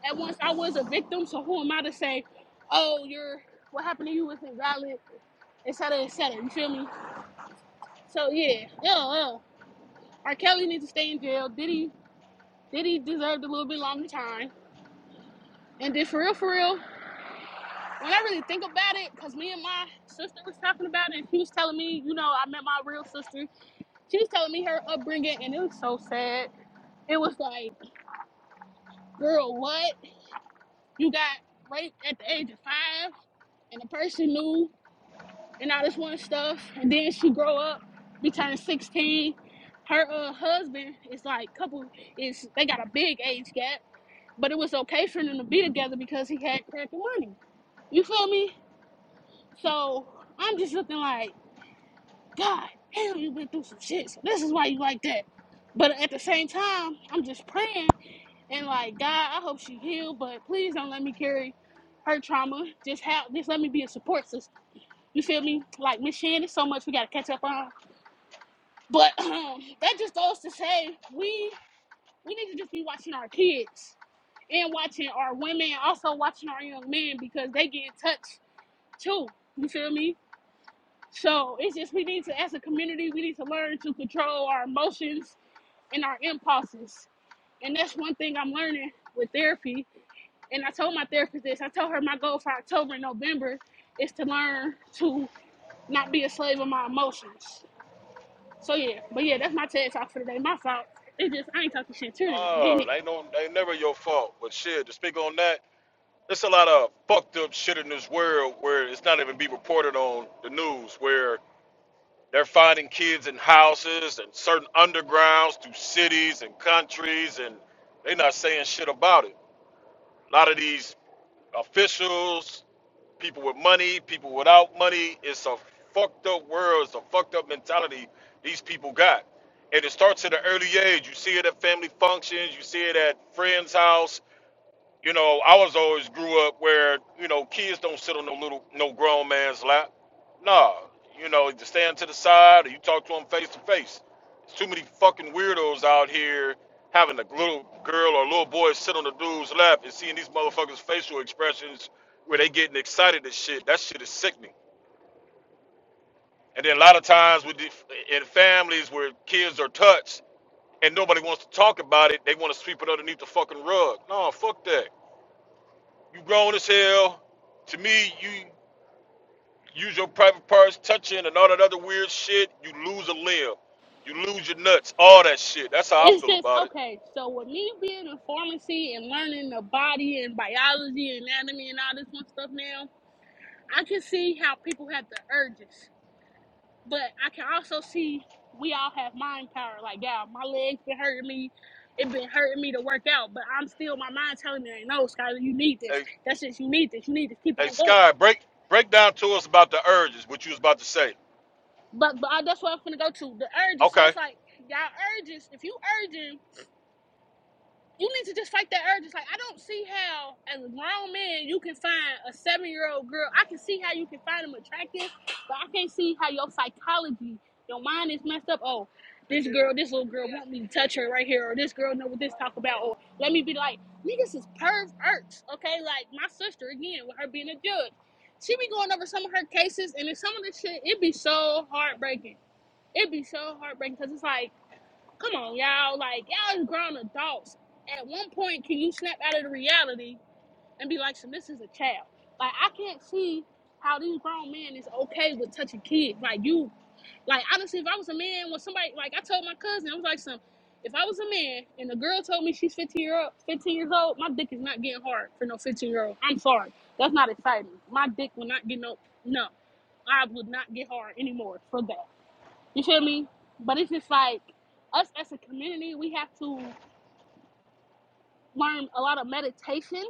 Speaker 4: at once I was a victim, so who am I to say, oh, you're what happened to you was invalid, et cetera, et cetera. You feel me? So yeah, yeah, yeah. R. Kelly needs to stay in jail. Diddy Diddy deserved a little bit longer time. And then for real, for real, when I really think about it, because me and my sister was talking about it, she was telling me, you know, I met my real sister. She was telling me her upbringing, and it was so sad. It was like, girl, what? You got raped at the age of five, and the person knew, and all this one stuff. And then she grow up, be turning 16. Her uh, husband is like, couple is they got a big age gap, but it was okay for them to be together because he had crack and money. You feel me? So I'm just looking like. God damn, you been through some shit. So this is why you like that. But at the same time, I'm just praying and like, God, I hope she healed, but please don't let me carry her trauma. Just have, just let me be a support system. You feel me? Like Miss Shannon, so much we gotta catch up on. But um, that just goes to say we we need to just be watching our kids and watching our women, also watching our young men because they get in touch too. You feel me? So it's just we need to, as a community, we need to learn to control our emotions and our impulses. And that's one thing I'm learning with therapy. And I told my therapist this. I told her my goal for October and November is to learn to not be a slave of my emotions. So yeah, but yeah, that's my TED talk for today. My fault. It's just I ain't talking shit to you in a
Speaker 2: No,
Speaker 4: minute.
Speaker 2: they don't. They never your fault. But shit, to speak on that, there's a lot of fucked up shit in this world where it's not even be reported on the news. Where they're finding kids in houses and certain undergrounds through cities and countries, and they're not saying shit about it. A lot of these officials, people with money, people without money. It's a fucked up world. It's a fucked up mentality these people got. And it starts at an early age. You see it at family functions. You see it at friends' house. You know, I was always grew up where you know kids don't sit on no little no grown man's lap. Nah, you know, you stand to the side or you talk to them face to face. There's too many fucking weirdos out here having a little girl or little boy sit on the dude's lap and seeing these motherfuckers' facial expressions where they getting excited and shit. That shit is sickening. And then a lot of times with the, in families where kids are touched and nobody wants to talk about it, they want to sweep it underneath the fucking rug. No, fuck that. You grown as hell. To me, you use your private parts, touching and all that other weird shit. You lose a limb. You lose your nuts. All that shit. That's how I
Speaker 4: It's
Speaker 2: feel
Speaker 4: just
Speaker 2: about it.
Speaker 4: okay. So with me being in pharmacy and learning the body and biology anatomy and all this one stuff now, I can see how people have the urges. But I can also see we all have mind power. Like, yeah, my legs been hurting me. It been hurting me to work out, but I'm still my mind telling me, like, no, Skylar, you need this.
Speaker 2: Hey,
Speaker 4: That's just You need this. You need to Keep
Speaker 2: hey,
Speaker 4: on going.
Speaker 2: Sky, break break down to us about the urges, what you was about to say.
Speaker 4: But but I, that's what I'm gonna go to. The urges. So
Speaker 2: Okay.
Speaker 4: it's like y'all urges. If you urging You need to just fight that urge. It's like I don't see how, as a grown man, you can find a seven-year-old girl. I can see how you can find them attractive, but I can't see how your psychology, your mind is messed up. Oh, this girl, this little girl want me to touch her right here, or this girl know what this talk about, or let me be like, niggas is perverts, okay? Like my sister again, with her being a judge, she be going over some of her cases, and in some of the shit, it be so heartbreaking. It be so heartbreaking because it's like Come on, y'all. Like, y'all is grown adults. At one point, can you snap out of the reality and be like, so this is a child? Like, I can't see how these grown men is okay with touching kids. Like, you, like, honestly, if I was a man, when somebody, like, I told my cousin, I was like, some, if I was a man and a girl told me she's 15 year old, 15 years old, my dick is not getting hard for no 15 year old. I'm sorry. That's not exciting. My dick will not get no, no. I would not get hard anymore for that. You feel me? But it's just like us as a community, we have to learn a lot of meditation,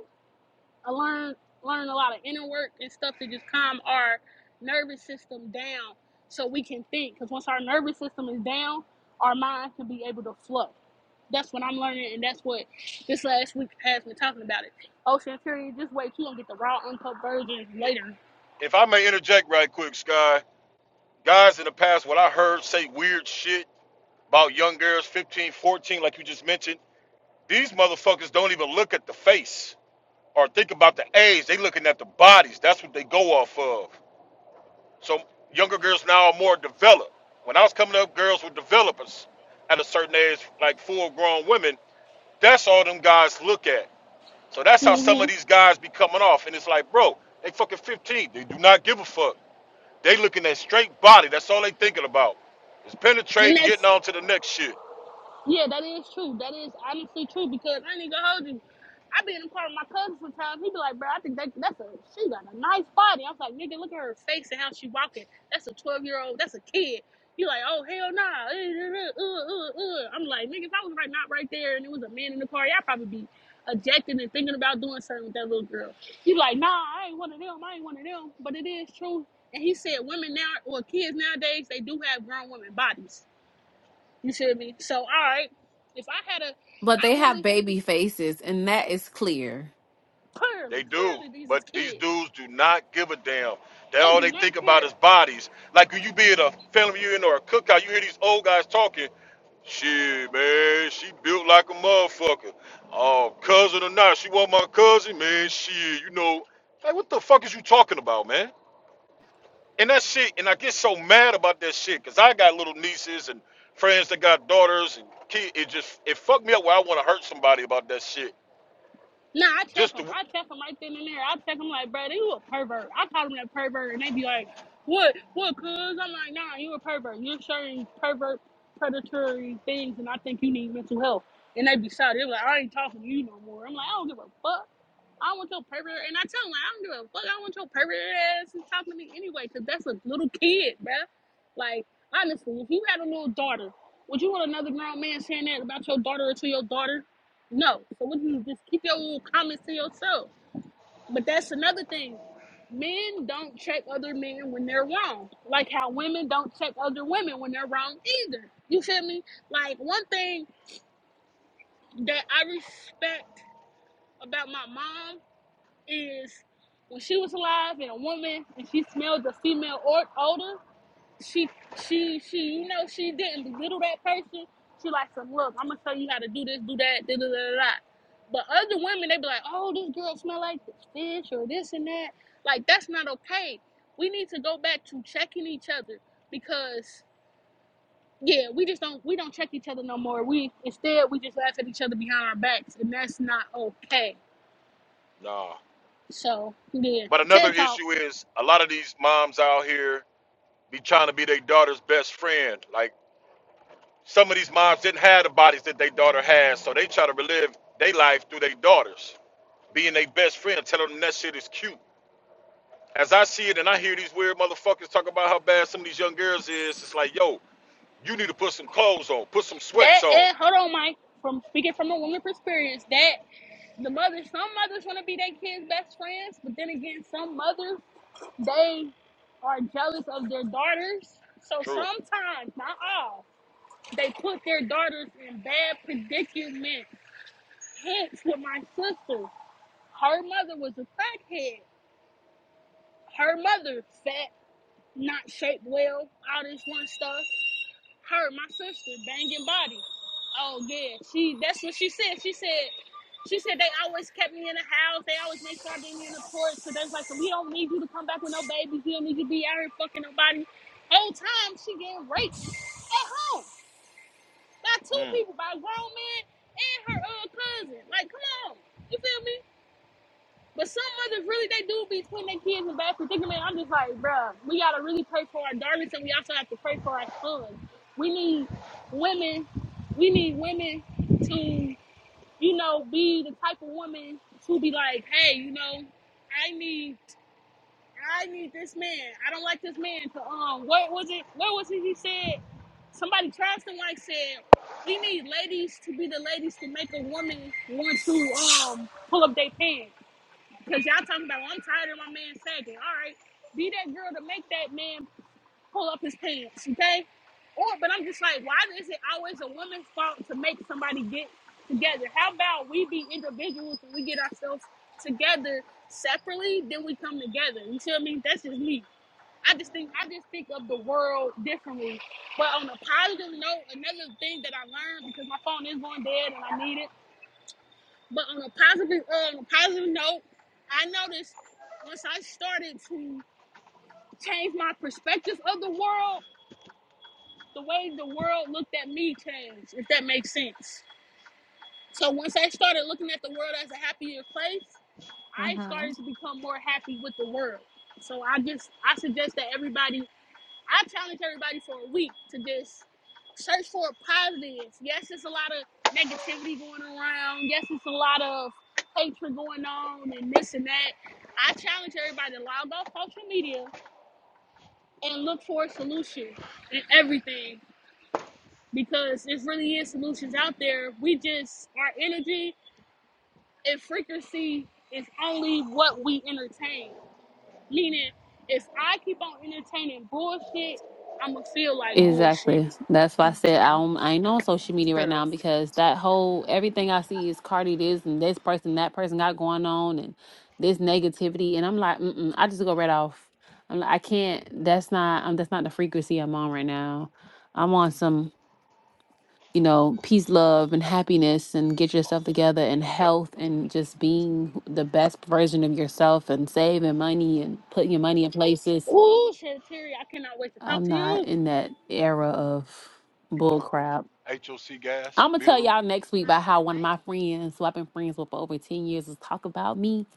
Speaker 4: uh, learn learn a lot of inner work and stuff to just calm our nervous system down so we can think. Because once our nervous system is down, our mind can be able to flow. That's what I'm learning, and that's what this last week has been talking about. It. Ocean Fury, just wait, you gonna get the raw, uncut versions
Speaker 2: I-
Speaker 4: later.
Speaker 2: If I may interject right quick, Sky, guys in the past, what I heard say weird shit about young girls 15, 14, like you just mentioned, these motherfuckers don't even look at the face or think about the age. They looking at the bodies. That's what they go off of. So younger girls now are more developed. When I was coming up, girls were developers at a certain age, like full grown women. That's all them guys look at. So that's how
Speaker 4: mm
Speaker 2: some of
Speaker 4: hmm
Speaker 2: these guys be coming off. And it's like, bro, they fucking 15. They do not give a fuck. They looking at straight body. That's all they thinking about. Is
Speaker 4: And
Speaker 2: penetrating,
Speaker 4: that's
Speaker 2: getting on to the next shit.
Speaker 4: Yeah, that is true. That is honestly true because I ain't gonna hold you. I be in the car with my cousin sometimes. He be like, bro, I think that, that's a she got a nice body. I was like, nigga, look at her face and how she walking. That's a twelve year old. That's a kid. You like, oh hell nah. Uh, uh, uh, uh, uh. I'm like, nigga, if I was right not right there and it was a man in the car, y'all probably be objecting and thinking about doing something with that little girl. You like, nah, I ain't one of them. I ain't one of them. But it is true. And he said, women now or kids nowadays, they do have grown women bodies you feel me? So, all right, if I had a,
Speaker 5: But they
Speaker 4: I
Speaker 5: have
Speaker 4: really,
Speaker 5: baby faces, and that is clear.
Speaker 4: clearly,
Speaker 2: They do,
Speaker 4: clearly, these is
Speaker 2: but these
Speaker 4: kids.
Speaker 2: dudes do not give a damn. They
Speaker 4: They
Speaker 2: all
Speaker 4: do
Speaker 2: they
Speaker 4: not
Speaker 2: think about
Speaker 4: care.
Speaker 2: is bodies. Like when you be at a family reunion or a cookout, you hear these old guys talking. Shit, man, she built like a motherfucker. Oh, cousin or not, she was my cousin, man. Shit, you know, like what the fuck is you talking about, man? And that shit, and I get so mad about that shit, cause I got little nieces and friends that got daughters and kids. It just it fucked me up where I want to hurt somebody about that shit.
Speaker 4: Nah, I check
Speaker 2: Just
Speaker 4: them.
Speaker 2: to,
Speaker 4: I check them right then and there. I check them like, bro, you a pervert. I call them that pervert, and they be like, what, what, cuz? I'm like, nah, you a pervert. You're sharing pervert, predatory things, and I think you need mental health. And they be shouting, they are like, I ain't talking to you no more. I'm like, I don't give a fuck. I want your pervert, and I tell him like, I don't give a fuck. I want your pervert ass to talk to me anyway because that's a little kid, bruh. Like honestly, if you had a little daughter, would you want another grown man saying that about your daughter or to your daughter? No. So would you just keep your little comments to yourself? But that's another thing. Men don't check other men when they're wrong, like how women don't check other women when they're wrong either. You feel me? Like one thing that I respect about my mom is when she was alive and a woman and she smelled a female odor, she she she you know she didn't belittle that person. She like some look, I'm gonna tell you how to do this, do that, da da da da. da." But other women they be like, oh, this girl smell like this fish or this and that. Like that's not okay. We need to go back to checking each other because yeah, we just don't we don't check each other no more. We instead we just laugh at each other behind our backs and that's not okay.
Speaker 2: nah.
Speaker 4: So yeah,
Speaker 2: But another
Speaker 4: TED Talk
Speaker 2: issue is a lot of these moms out here be trying to be their daughter's best friend. Like some of these moms didn't have the bodies that their daughter has, so they try to relive their life through their daughters, being their best friend, telling them that shit is cute. As I see it, and I hear these weird motherfuckers talk about how bad some of these young girls is, it's like, yo, you need to put some clothes on, put some sweats
Speaker 4: That
Speaker 2: on.
Speaker 4: and hold on, Mike. From speaking from a woman experience, that the mothers, some mothers want to be their kids' best friends, but then again, some mothers they are jealous of their daughters. So
Speaker 2: True.
Speaker 4: sometimes, not all, they put their daughters in bad predicament. Hence, with my sister, her mother was a crackhead. Her mother fat, not shaped well, all this one stuff. her, my sister, banging body. Oh yeah, she. That's what she said. She said, she said they always kept me in the house. They always made sure I didn't be in the porch. So they was like, so we don't need you to come back with no babies. You don't need you to be out here fucking nobody. Whole time she getting raped at home by two
Speaker 2: Mm.
Speaker 4: people, by a grown man and her uh cousin. Like, come on, you feel me? But some mothers really they do be putting their kids in bad predicament. I'm just like, bruh, we gotta really pray for our daughters and we also have to pray for our sons. We need women, we need women to, you know, be the type of woman to be like, hey, you know, I need I need this man. I don't like this man to um what was it what was it he said? Somebody Charleston White said, We need ladies to be the ladies to make a woman want to um pull up their pants Cause y'all talking about, well, I'm tired of my man sagging. All right, be that girl to make that man pull up his pants, okay? Or, but I'm just like, why is it always a woman's fault to make somebody get together? How about we be individuals and we get ourselves together separately, then we come together. You see what I mean? That's just me. I just think I just think of the world differently. But on a positive note, another thing that I learned because my phone is going dead and I need it but on a positive, uh, on a positive note, I noticed once I started to change my perspective of the world, the way the world looked at me changed. If that makes sense. So once I started looking at the world as a happier place, I
Speaker 1: Mm-hmm.
Speaker 4: started to become more happy with the world. So I just I suggest that everybody I challenge everybody for a week to just search for positives. Yes, it's a lot of negativity going around. Yes, it's a lot of hatred going on and this and that. I challenge everybody to log off social media and look for a solution in everything because there really is solutions out there. We just our energy and frequency is only what we entertain. Meaning, if I keep on entertaining bullshit, I'ma feel like bullshit
Speaker 5: Exactly. That's why I said I
Speaker 1: hmm
Speaker 5: don't, I ain't on social media right
Speaker 1: True.
Speaker 5: now because that whole everything I see is Cardi this and this person that person got going on and this negativity and I'm like mm I just go right off. I'm like I can't. That's not um that's not the frequency I'm on right now. I'm on some you know peace, love, and happiness and get yourself together and
Speaker 2: Yep.
Speaker 5: health and just being who- the best version of yourself and saving money and putting your money in places.
Speaker 4: Ooh, shit, Terry, I cannot wait to talk
Speaker 5: I'm
Speaker 4: to
Speaker 5: not
Speaker 4: you.
Speaker 5: in that era of bullcrap.
Speaker 2: HOC gas,
Speaker 5: I'm gonna
Speaker 2: Vita
Speaker 5: tell
Speaker 2: root.
Speaker 5: y'all next week about how one of my friends, who I've been friends with for over 10 years, was talking about me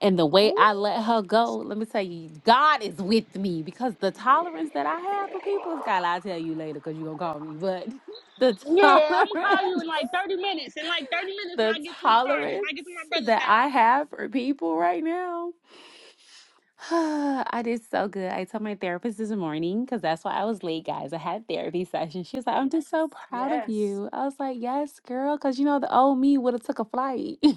Speaker 5: and the way
Speaker 1: Ooh,
Speaker 5: I let her go. Let me tell you, God is with me because the tolerance that I have for people is God. I'll tell you later because you're gonna call me. But *laughs* the
Speaker 4: Yeah, I'm gonna call you
Speaker 1: that's
Speaker 5: tolerance,
Speaker 4: in like
Speaker 1: it.
Speaker 4: 30 minutes. In like 30
Speaker 5: *laughs*
Speaker 4: minutes when
Speaker 5: the
Speaker 4: I get to a charge, when
Speaker 5: tolerance
Speaker 4: I get to my brother's
Speaker 5: that
Speaker 4: house.
Speaker 5: I have for people right now. *sighs* I did so good. I told my therapist this morning because that's why I was late, guys. I had therapy *laughs* session. She was like, "I'm just so proud of
Speaker 1: Yes.
Speaker 5: you." I was like, "Yes, girl," because you know the old me would have took a flight. *laughs*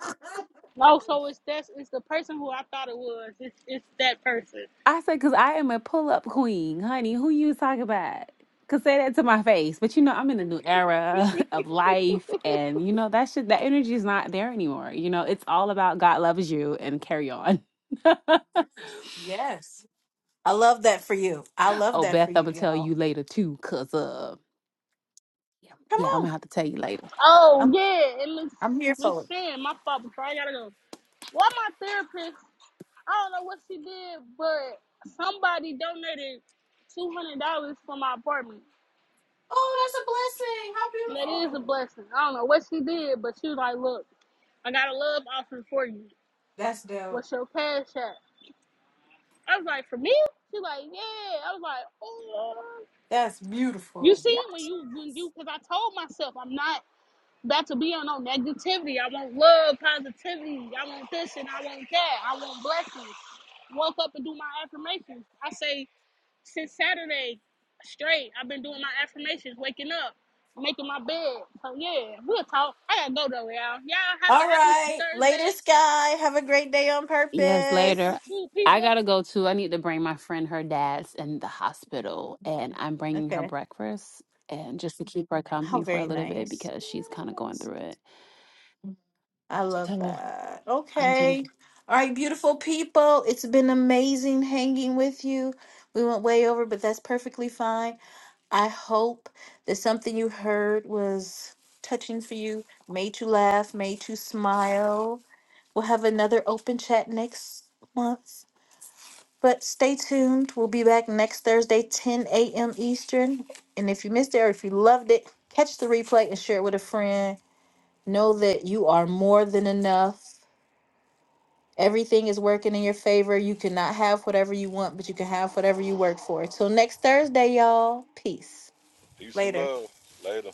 Speaker 1: *laughs*
Speaker 4: No, so it's that it's the person who I thought it was. It's it's that person.
Speaker 5: I said, "Cause I am a pull up queen, honey. Who you talking about?" Cause say that to my face, but you know I'm in a new era *laughs* of life, and you know that shit, that energy is not there anymore. You know it's all about God loves you and carry on. *laughs*
Speaker 1: yes. I love that for you. I love
Speaker 5: oh,
Speaker 1: that
Speaker 5: Beth,
Speaker 1: for
Speaker 5: I'm
Speaker 1: you,
Speaker 5: gonna tell
Speaker 1: y'all.
Speaker 5: you later too, cause of. Yeah,
Speaker 1: Come
Speaker 5: yeah, I'm gonna
Speaker 1: on.
Speaker 5: have to tell you later.
Speaker 4: Oh
Speaker 1: I'm
Speaker 4: yeah, and Miss
Speaker 1: I'm here
Speaker 4: Miss
Speaker 1: for it.
Speaker 4: Fan, my fault before I gotta go. Well my therapist, I don't know what she did, but somebody donated two hundred dollars for my apartment.
Speaker 1: Oh, that's a blessing.
Speaker 4: And that
Speaker 1: How
Speaker 4: is a
Speaker 1: beautiful.
Speaker 4: blessing. I don't know what she did, but she was like, Look, I got a love offer for you.
Speaker 1: That's dope.
Speaker 4: What's your cash app? I was like, for me? She's like, yeah. I was like, oh.
Speaker 1: That's
Speaker 4: You
Speaker 1: beautiful.
Speaker 4: see,
Speaker 1: Yes.
Speaker 4: when you, when you, because I told myself I'm not about to be on no negativity. I want love, positivity. I want this and I want that. I want blessings. Woke up and do my affirmations. I say, since Saturday, straight, I've been doing my affirmations, waking up, making my bed. So, yeah, we'll talk. I gotta go though, y'all. Y'all have a
Speaker 1: All
Speaker 4: happy
Speaker 1: right. Later,
Speaker 4: Thursday.
Speaker 1: Sky. Have a great day on
Speaker 5: Yes,
Speaker 1: purpose.
Speaker 4: You
Speaker 5: later.
Speaker 4: too. Peace,
Speaker 5: I
Speaker 4: love.
Speaker 5: gotta go too. I need to bring my friend. Her dad's in the hospital, and I'm bringing her
Speaker 1: Okay.
Speaker 5: breakfast and just to keep her
Speaker 1: How
Speaker 5: company for a
Speaker 1: very
Speaker 5: little bit
Speaker 1: nice.
Speaker 5: because she's kind of going
Speaker 1: Yes.
Speaker 5: through it.
Speaker 1: I love
Speaker 5: So
Speaker 1: that.
Speaker 5: I'm.
Speaker 1: Okay. All right, beautiful people. It's been amazing hanging with you. We went way over, but that's perfectly fine. I hope that something you heard was touching for you, made you laugh, made you smile. We'll have another open chat next month. But stay tuned. We'll be back next Thursday, 10 a.m. Eastern. And if you missed it or if you loved it, catch the replay and share it with a friend. Know that you are more than enough Everything is working in your favor. You cannot have whatever you want, but you can have whatever you work for. Till next Thursday, y'all. Peace.
Speaker 2: Peace and
Speaker 1: Later.
Speaker 2: love. Later.